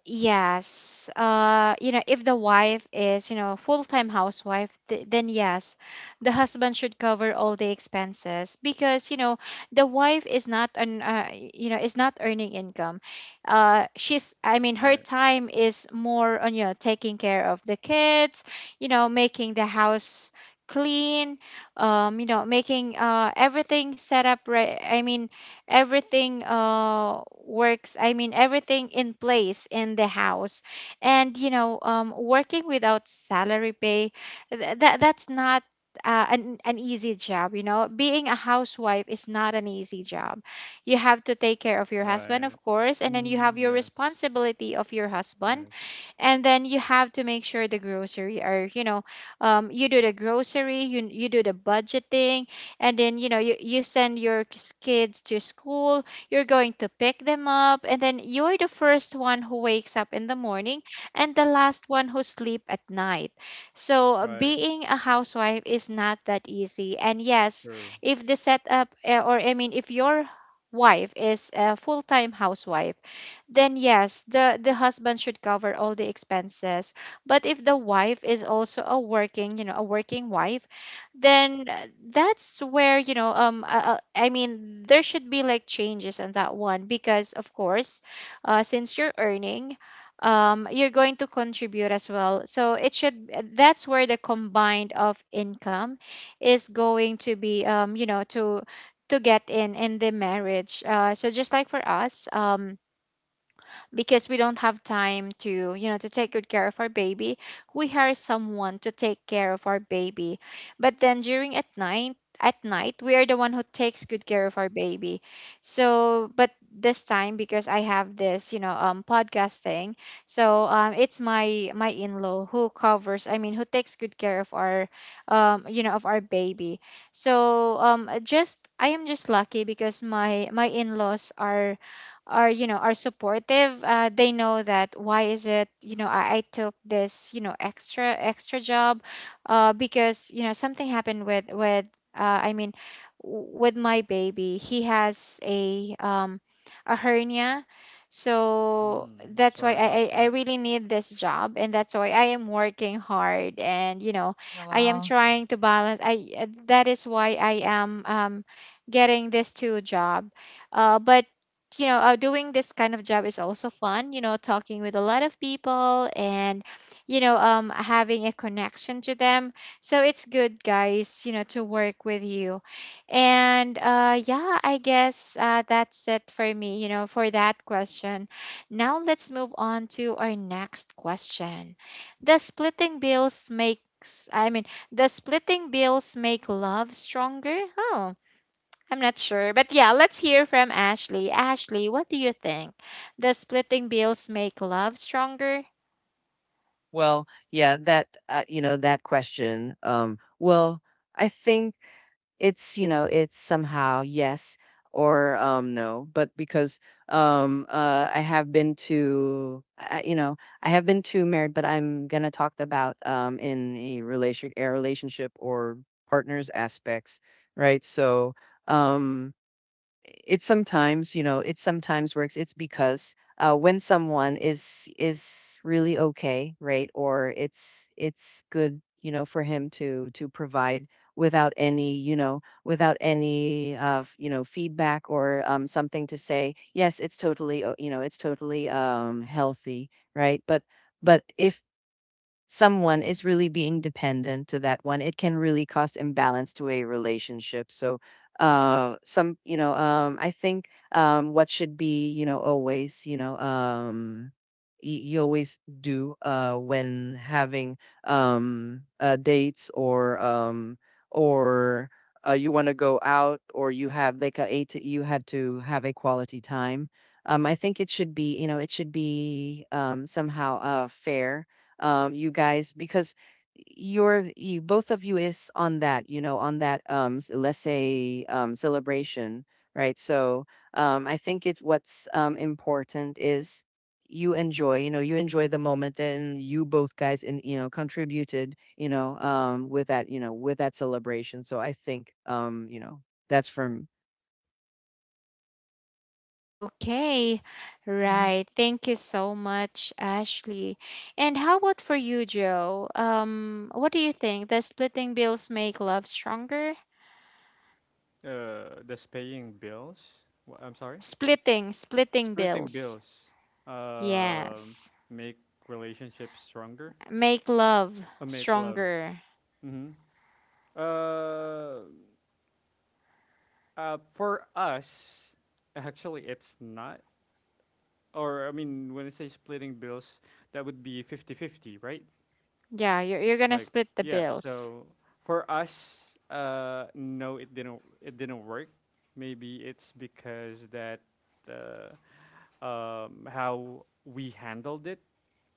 Speaker 1: yes. You know, if the wife is, you know, full-time housewife, th then yes, the husband should cover all the expenses because, you know, the wife is not an, you know, is not earning income. She's, I mean, her
Speaker 2: right,
Speaker 1: time is more on, you know, taking care of the kids, you know, making the house clean, you know, making everything set up right. I mean, everything works. I mean, everything in place in the house and, you know, working without salary pay, that that's not an easy job. You know, being a housewife is not an easy job. You have to take care of your husband, of
Speaker 2: right.
Speaker 1: course, and then you have
Speaker 2: Mm,
Speaker 1: your
Speaker 2: yes,
Speaker 1: responsibility of your husband.
Speaker 2: yes.
Speaker 1: And then you have to make sure the grocery are, you know, you do the grocery, you do the budgeting. And then, you know, you send your kids to school. You're going to pick them up. And then you're the first one who wakes up in the morning and the last one who sleep at night. So
Speaker 2: Right,
Speaker 1: being a housewife is not that easy. And yes,
Speaker 2: true.
Speaker 1: if the setup or I mean if your wife is a full-time housewife, then yes, the husband should cover all the expenses. But if the wife is also a working, you know, a working wife, then that's where, you know, I mean, there should be like changes on that one because of course, since you're earning, you're going to contribute as well. So it should, that's where the combined of income is going to be, you know, to get in the marriage. So just like for us, because we don't have time to, you know, to take good care of our baby, we hire someone to take care of our baby. But then during at night, we are the one who takes good care of our baby. So, but this time because I have this, you know, podcast thing, so it's my my in-law who covers, I mean, who takes good care of our, you know, of our baby. So just I am just lucky because my in-laws are, you know, are supportive. They know that why is it, you know, I took this, you know, extra extra job because, you know, something happened with I mean with my baby. He has a hernia. So
Speaker 2: Mm,
Speaker 1: that's why
Speaker 2: sorry about
Speaker 1: I
Speaker 2: that.
Speaker 1: really need this job. And that's why I am working hard. And, you know, I am
Speaker 3: Noel.
Speaker 1: trying to balance. I that is why I am getting this two job. But, you know, doing this kind of job is also fun, you know, talking with a lot of people and, you know, having a connection to them. So it's good, guys, you know, to work with you. And yeah, I guess that's it for me, you know, for that question. Now let's move on to our next question. Does splitting bills makes I mean, does splitting bills make love stronger? Oh, I'm not sure. But yeah, let's hear from Ashley. Ashley, what do you think? Does splitting bills make love stronger?
Speaker 3: Well, yeah, that you know that question. Well, I think it's you know it's somehow yes or no, but because I, I have been to married, but I'm gonna talk about in a relation a relationship or partners aspects, right? So um, it sometimes it sometimes works. It's because when someone is really okay, right, or it's good you know for him to provide without any without any you know feedback or something to say yes, it's totally you know it's totally healthy, right? But if someone is really being dependent to that one, it can really cause imbalance to a relationship. So, some, I think what should be, always, you always do when having dates or you want to go out or you have like a eight, you had to have a quality time. I think it should be, it should be somehow fair you guys, because you, both of you is on that, on that let's say celebration, right? So I think it what's important is you enjoy, you enjoy the moment, and you both guys, and contributed, with that, with that celebration. So I think, that's from,
Speaker 1: Okay,
Speaker 3: mhm.
Speaker 1: right. Thank you so much, Ashley. And how about for you, Joe? What do you think? Does splitting bills make love stronger?
Speaker 2: That's paying bills. I'm sorry.
Speaker 1: Splitting, splitting
Speaker 2: Splitting
Speaker 1: bills.
Speaker 2: bills. Um,
Speaker 1: Yes.
Speaker 2: Make relationships stronger.
Speaker 1: Make love
Speaker 2: Make love.
Speaker 1: stronger.
Speaker 2: Mm-hmm. Uh, for us, actually, it's not. Or I mean, when I say splitting bills, that would be 50-50, right?
Speaker 1: Yeah, you're gonna
Speaker 2: Like,
Speaker 1: split the
Speaker 2: yeah.
Speaker 1: bills.
Speaker 2: So for us, no, it didn't. It didn't work. Maybe it's because that uh, how we handled it,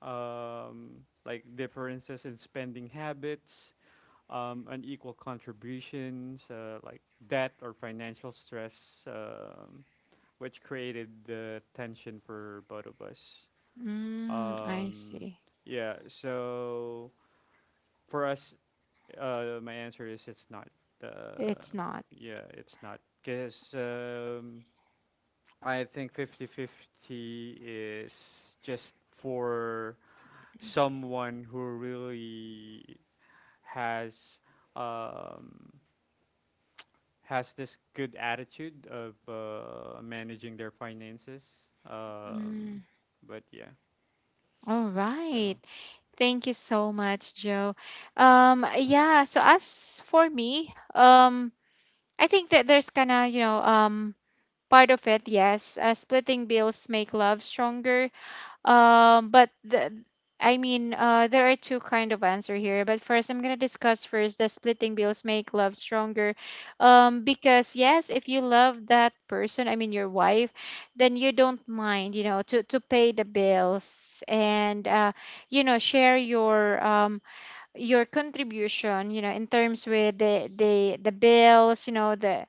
Speaker 2: like differences in spending habits, unequal contributions, like debt or financial stress, which created the tension for both of us.
Speaker 1: Mm, I
Speaker 2: Um,
Speaker 1: see.
Speaker 2: yeah. So for us, my answer is it's not. Uh,
Speaker 1: It's not.
Speaker 2: yeah, it's not. Because I think 50-50 is just for someone who really has. Um, has this good attitude of managing their finances.
Speaker 1: Mm.
Speaker 2: But yeah,
Speaker 1: All right.
Speaker 2: so
Speaker 1: Thank you so much, Joe. Yeah, so as for me, I think that there's kind of, you know, part of it, yes, splitting bills make love stronger, but the, I mean, there are two kind of answer here. But first, I'm gonna discuss first the splitting bills make love stronger. Because yes, if you love that person, I mean your wife, then you don't mind, you know, to pay the bills. And you know, share your contribution, you know, in terms with the bills, you know, the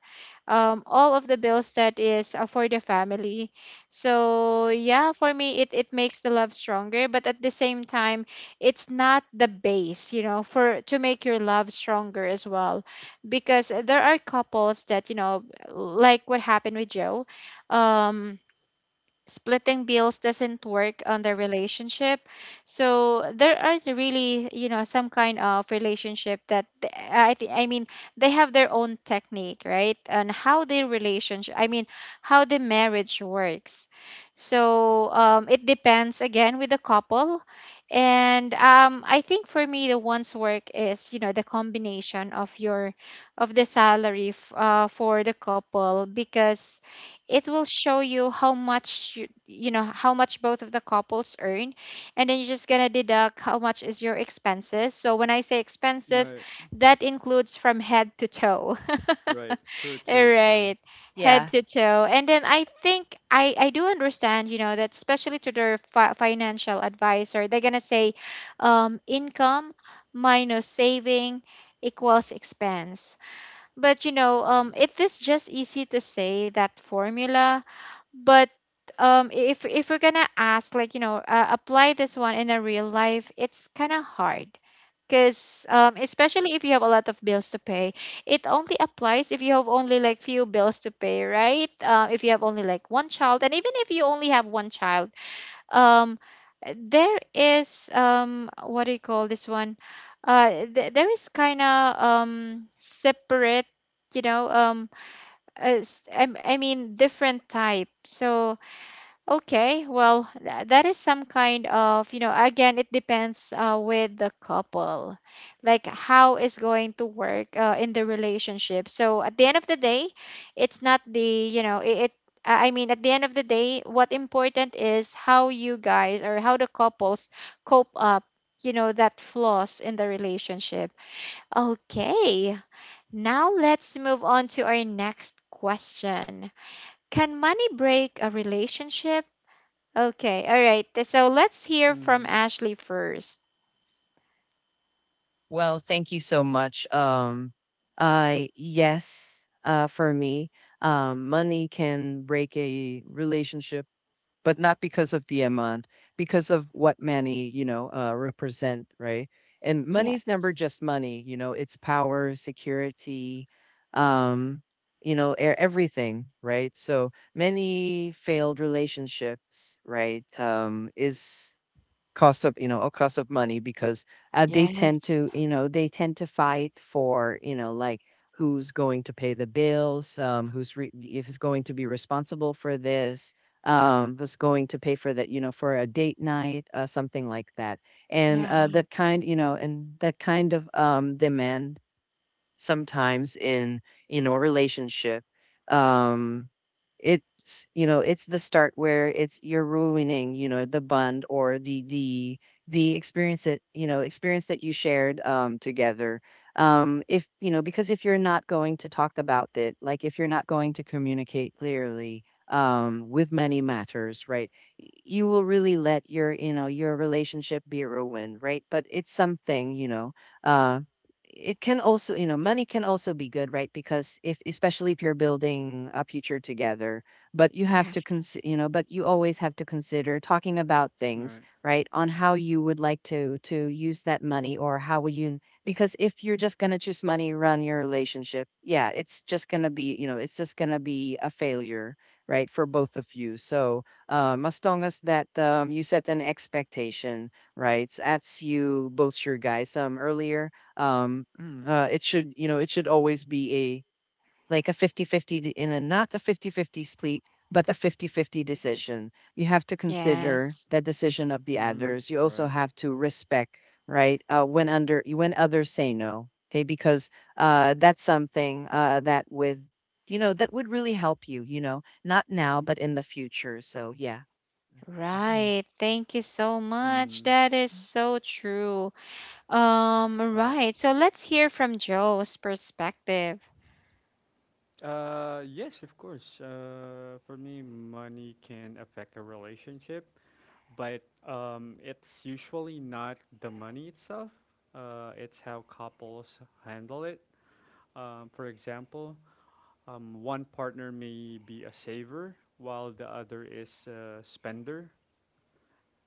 Speaker 1: all of the bills that is for the family. So yeah, for me it makes the love stronger. But at the same time, it's not the base, you know, for to make your love stronger as well, because there are couples that, you know, like what happened with Joe, um splitting bills doesn't work on the relationship. So there are really, you know, some kind of relationship that I mean they have their own technique, right? And how their relationship, I mean, how the marriage works. So it depends again with the couple. And I think for me the one's work is, you know, the combination of your of the salary for the couple, because it will show you how much you, you know, how much both of the couples earn. And then you're just going to deduct how much is your expenses. So when I say expenses,
Speaker 2: right,
Speaker 1: that includes from head to toe
Speaker 2: right, true,
Speaker 1: all
Speaker 2: true, true,
Speaker 1: right, head
Speaker 3: Yeah,
Speaker 1: to toe. And then I think I do understand, you know, that especially to their financial advisor, they're going to say, income minus saving equals expense. But you know,
Speaker 2: true.
Speaker 1: it is just easy to say that formula. But um if we're gonna ask like, you know, apply this one in a real life, it's kind of hard. Because especially if you have a lot of bills to pay, it only applies if you have only like few bills to pay, right? If you have only like one child. And even if you only have one child, um, there is what do you call this one, there is kind of separate, you know, I mean different type. So okay, well, that is some kind of, you know, again, it depends with the couple, like how is going to work in the relationship. So at the end of the day, it's not the, you know, it I mean, at the end of the day, what important is how you guys or how the couples cope up, you know, that flaws in the relationship. Okay, now let's move on to our next question. Can money break a relationship? Okay, all right. So let's hear from
Speaker 2: Mm-hmm.
Speaker 1: Ashley first.
Speaker 3: well, thank you so much. Yes, for me, money can break a relationship, but not because of the amount, because of what money, represent, right? And money's never
Speaker 1: Yes.
Speaker 3: just money, it's power, security, um, everything, right? So many failed relationships, right, is cost of you know a cost of money because they tend
Speaker 1: Yes.
Speaker 3: to they tend to fight for like who's going to pay the bills, um, if is going to be responsible for this, um, who's going to pay for that, for a date night something like that. And
Speaker 1: Yeah.
Speaker 3: that kind and that kind of demand sometimes in a relationship um, it's you know it's the start where it's you're ruining you know the bond or the experience that experience that you shared together. Um, if you know, because if you're not going to talk about it, like if you're not going to communicate clearly with many matters, right, you will really let your your relationship be ruined, right? But it's something you know um, it can also, money can also be good, right? Because if, especially if you're building a future together, but you have
Speaker 1: Yeah.
Speaker 3: to consider, but you always have to consider talking about things,
Speaker 2: Right.
Speaker 3: right? On how you would like to use that money or how will you, because if you're just gonna choose money, run your relationship, yeah, it's just gonna be, it's just gonna be a failure, right? For both of you. So, as long as that you set an expectation, right? As you both your guys earlier mm, it should, it should always be a like a in a not a 50-50 split, but a 50-50 decision. You have to consider
Speaker 1: Yes.
Speaker 3: the decision of the
Speaker 2: Mm-hmm.
Speaker 3: others. You also
Speaker 2: Right.
Speaker 3: have to respect, right? When under when others say no, okay? Because that's something that with that would really help you. You know, not now, but in the future. So yeah,
Speaker 1: Right. Thank you so much.
Speaker 2: Mm-hmm.
Speaker 1: That is so true.
Speaker 2: Right.
Speaker 1: Right. So let's hear from Joe's perspective.
Speaker 2: Yes, of course. For me, money can affect a relationship, but it's usually not the money itself. It's how couples handle it. For example, one partner may be a saver while the other is a spender.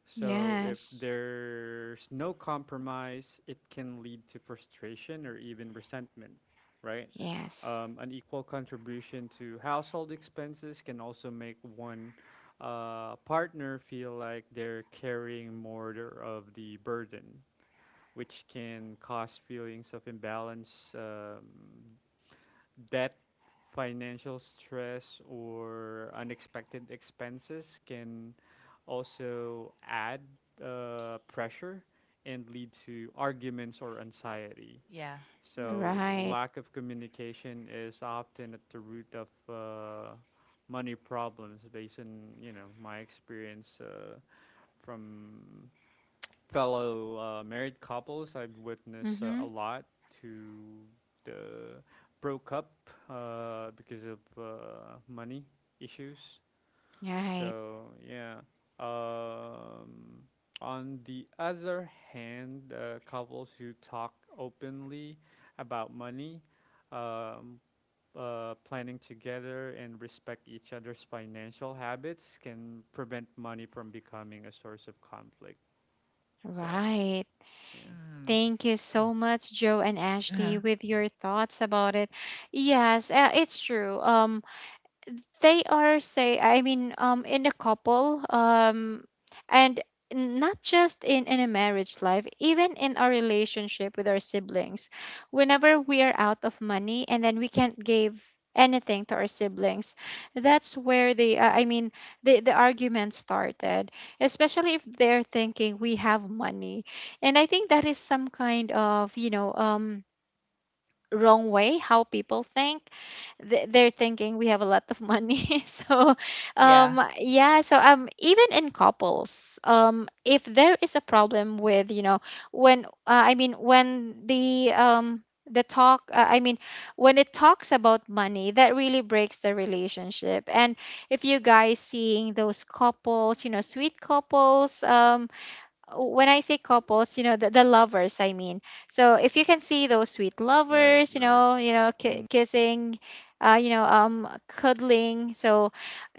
Speaker 2: So if
Speaker 1: Yes.
Speaker 2: there's no compromise, it can lead to frustration or even resentment, right?
Speaker 1: Yes.
Speaker 2: An equal contribution to household expenses can also make one partner feel like they're carrying more of the burden, which can cause feelings of imbalance. That financial stress or unexpected expenses can also add pressure and lead to arguments or anxiety.
Speaker 3: yeah.
Speaker 2: So,
Speaker 1: Right.
Speaker 2: lack of communication is often at the root of money problems, based on my experience from fellow married couples. I've witnessed a
Speaker 1: Mm-hmm.
Speaker 2: lot to the broke up because of money issues.
Speaker 1: Right.
Speaker 2: So yeah. Um, on the other hand, couples who talk openly about money, um, planning together, and respect each other's financial habits can prevent money from becoming a source of conflict. So
Speaker 1: Right.
Speaker 2: yeah.
Speaker 3: Mm.
Speaker 1: Thank you so much, Joe and
Speaker 3: Yeah. Yeah.
Speaker 1: Ashley, with your thoughts about it. Yes, it's true. They are say I mean in a couple and not just in a marriage life, even in our relationship with our siblings. Whenever we are out of money and then we can't give anything to our siblings, that's where the I mean the argument started, especially if they're thinking we have money. And I think that is some kind of, wrong way how people think they're thinking we have a lot of money so
Speaker 3: Yeah.
Speaker 1: even in couples, if there is a problem with you know when I mean when the talk I mean when it talks about money, that really breaks the relationship. And if you guys seeing those couples, you know, sweet couples, when I say couples, you know, the lovers, I mean. So if you can see those sweet
Speaker 2: Right,
Speaker 1: lovers, you
Speaker 2: right.
Speaker 1: know,
Speaker 2: Mm.
Speaker 1: kissing, you know, cuddling. So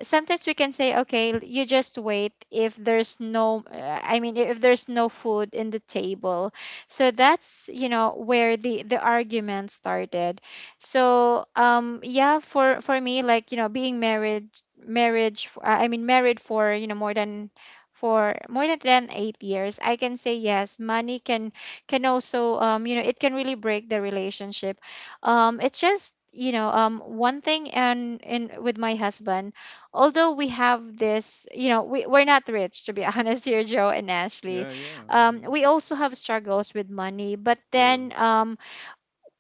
Speaker 1: sometimes we can say, okay, you just wait if there's no food in the table. So that's, you know, where the argument started. So yeah, for me, like, you know, being married, marriage f- I mean married for, you know, more than, for more than 8 years, I can say yes. Money can also, you know, it can really break the relationship. It's just, you know, one thing, and in with my husband, although we have this, you know, we're not rich to be honest here, Joe and Ashley.
Speaker 2: Yeah, yeah. Mhm.
Speaker 1: We also have struggles with money, but
Speaker 2: True.
Speaker 1: then um,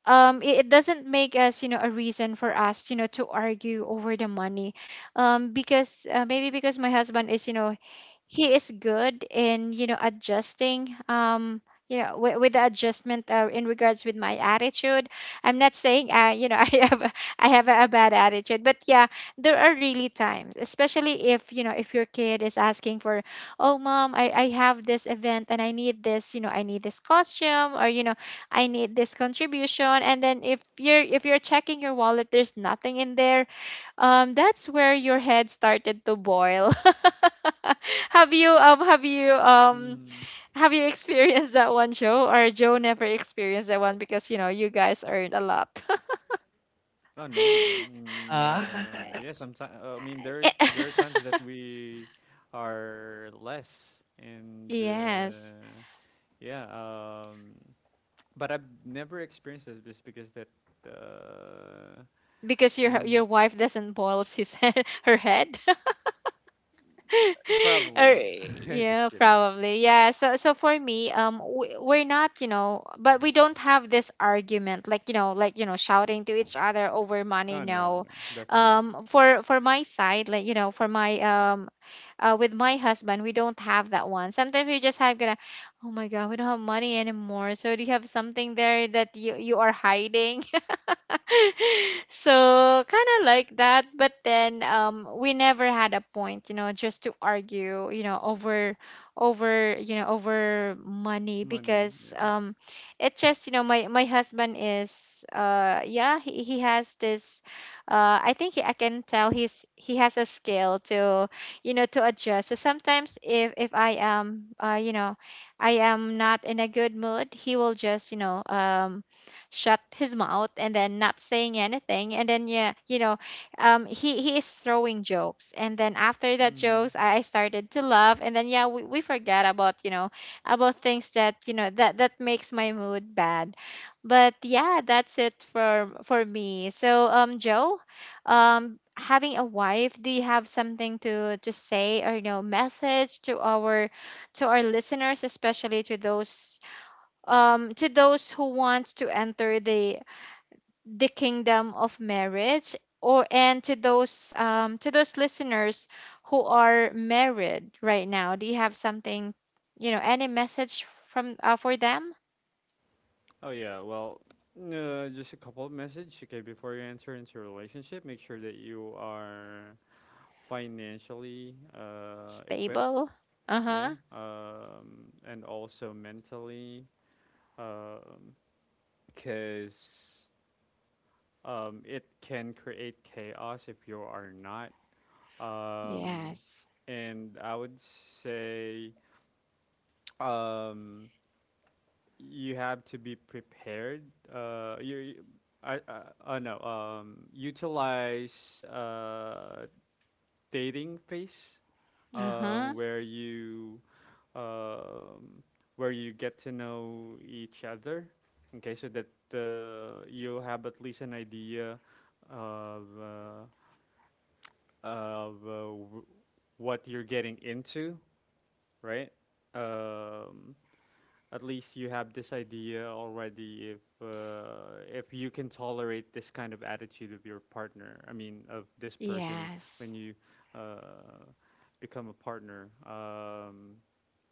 Speaker 1: um, it, it doesn't make us, you know, a reason for us, you know, to argue over the money. Because Maybe because my husband is, you know, he is good in, you know, adjusting, you know, with the adjustment, in regards with my attitude. I'm not saying, you know, I have a bad attitude, but yeah, there are really times, especially if, you know, if your kid is asking for, oh mom, I have this event and I need this, you know, I need this costume, or, you know, I need this contribution, and then if you're checking your wallet, there's nothing in there. That's where your head started to boil. have you um have you um
Speaker 2: Mm.
Speaker 1: have you experienced that one, Joe? Or Joe never experienced that one because, you know, you guys earned a lot.
Speaker 2: I know. I mean,
Speaker 3: Uh,
Speaker 2: yeah. Sometimes I mean there are times that we are less, and
Speaker 1: Yes,
Speaker 2: yeah. But I've never experienced this just because that. Uh,
Speaker 1: because
Speaker 2: mm,
Speaker 1: your wife doesn't boil his head, her head. Or
Speaker 2: Probably. Just
Speaker 1: yeah,
Speaker 2: kidding.
Speaker 1: probably. Yeah, so for me, we, we're not, you know, but we don't have this argument, like, you know, like, you know, shouting to each other over money.
Speaker 2: Oh no,
Speaker 1: No.
Speaker 2: no, definitely not.
Speaker 1: For my side, like, you know, for my with my husband, we don't have that one. Sometimes we just have gonna, oh my god, we don't have money anymore, so do you have something there that you are hiding? So kind of like that, but then, we never had a point, you know, just to argue, you know, over, over money.
Speaker 2: Money.
Speaker 1: Because
Speaker 2: Yeah.
Speaker 1: It just, you know, my husband is, uh, yeah, he has this, I can tell he's, he has a skill to, you know, to adjust. So sometimes if I am, uh, you know, I am not in a good mood, he will just, you know, shut his mouth and then not saying anything. And then yeah, you know, he is throwing jokes, and then after that
Speaker 2: Mm-hmm.
Speaker 1: jokes, I started to laugh, and then yeah, we forget about, you know, about things that, you know, that that makes my mood bad. But yeah, that's it for me. So Joe, having a wife, do you have something to say or, you know, message to our, to our listeners, especially to those, to those who want to enter the kingdom of marriage, or, and to those, to those listeners who are married right now? Do you have something, you know, any message from, for them?
Speaker 2: Oh yeah, well, just a couple of messages. Okay, before you enter into a relationship, make sure that you are financially equipped.
Speaker 1: Stable.
Speaker 2: Yeah,
Speaker 1: Uh-huh.
Speaker 2: and also mentally, because it can create chaos if you are not. Um,
Speaker 1: Yes.
Speaker 2: and I would say, um, you have to be prepared. Uh, you, you- I know. Utilize dating phase,
Speaker 1: Uh-huh.
Speaker 2: um, where you, um, where you get to know each other. Okay, so that you'll have at least an idea of uh, of uh, w- what you're getting into, right? Um, at least you have this idea already if you can tolerate this kind of attitude of your partner, I mean, of this person
Speaker 1: Yes.
Speaker 2: when you uh, become a partner,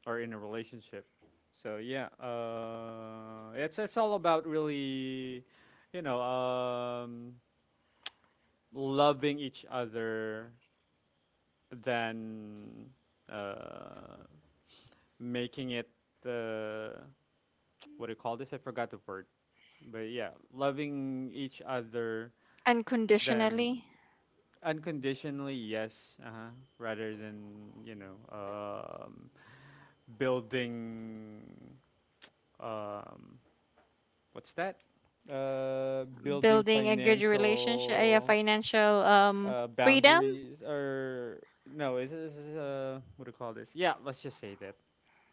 Speaker 2: or in a relationship. So yeah, it's all about really you know um, loving each other than uh, making it uh, what do you call this? I forgot the word. But yeah, loving each other then
Speaker 1: Unconditionally.
Speaker 2: unconditionally, yes, uh-huh, rather than, building. um, what's that? Building
Speaker 1: Building a good relationship, a
Speaker 2: financial
Speaker 1: financial freedom.
Speaker 2: boundaries, or no, is this what do you call this? Yeah, let's just say that.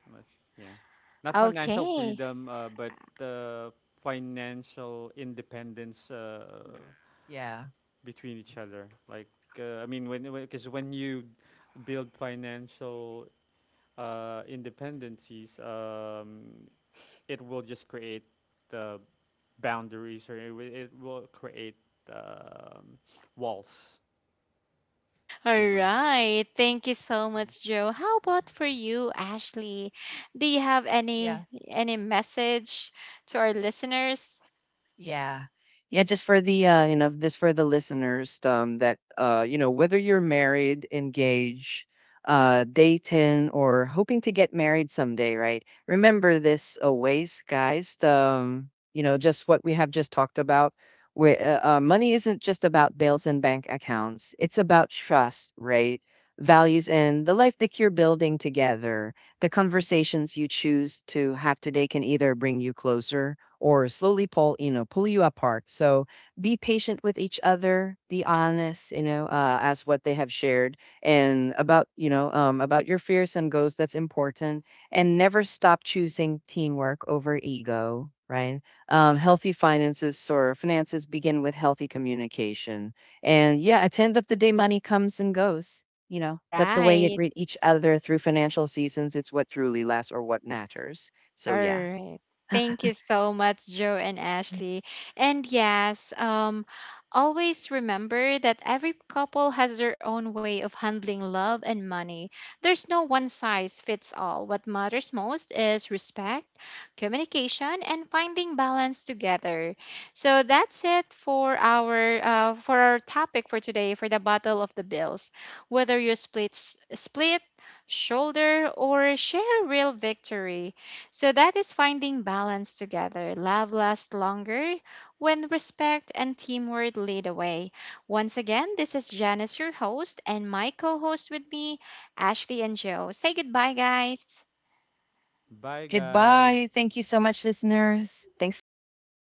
Speaker 2: Unless, yeah. Not financial
Speaker 1: Okay.
Speaker 2: freedom, but uh, financial independence
Speaker 3: yeah.
Speaker 2: between each other. Like, I mean, when because when you build financial independencies, it will just create the boundaries, or it will create um, walls. You
Speaker 1: All
Speaker 2: know.
Speaker 1: right. Thank you so
Speaker 2: Yeah.
Speaker 1: much, Joe. How about for you, Ashley? Do you have any
Speaker 3: Yeah.
Speaker 1: message to our listeners?
Speaker 3: Yeah. Yeah, just for the this for the listeners, that whether you're married, engaged, dating, or hoping to get married someday, right? Remember this always, guys. Just what we have just talked about. Where money isn't just about bills and bank accounts. It's about trust, right? Values and the life that you're building together. The conversations you choose to have today can either bring you closer or slowly pull, pull you apart. So be patient with each other, be honest, as what they have shared and about, about your fears and goals. That's important. And never stop choosing teamwork over ego, right? Healthy finances or finances begin with healthy communication. And yeah, at the end of the day, money comes and goes. You know, but the way it
Speaker 1: Right.
Speaker 3: read each other through financial seasons, it's what truly lasts or what matters.
Speaker 1: All
Speaker 3: So, yeah.
Speaker 1: right. Thank you so much, Joe and Ashley. And yes, always remember that every couple has their own way of handling love and money. There's no one size fits all. What matters most is respect, communication, and finding balance together. So that's it for our topic for today, for the battle of the bills. Whether you split shoulder or share a real victory, so that is finding balance together. Love lasts longer when respect and teamwork lead the way. Once again, this is Janice, your host, and my co host with me, Ashley and Joe. Say goodbye, guys.
Speaker 2: Bye, guys.
Speaker 3: Goodbye. Thank you so much, listeners. Thanks for tuning
Speaker 2: Yes.
Speaker 3: in.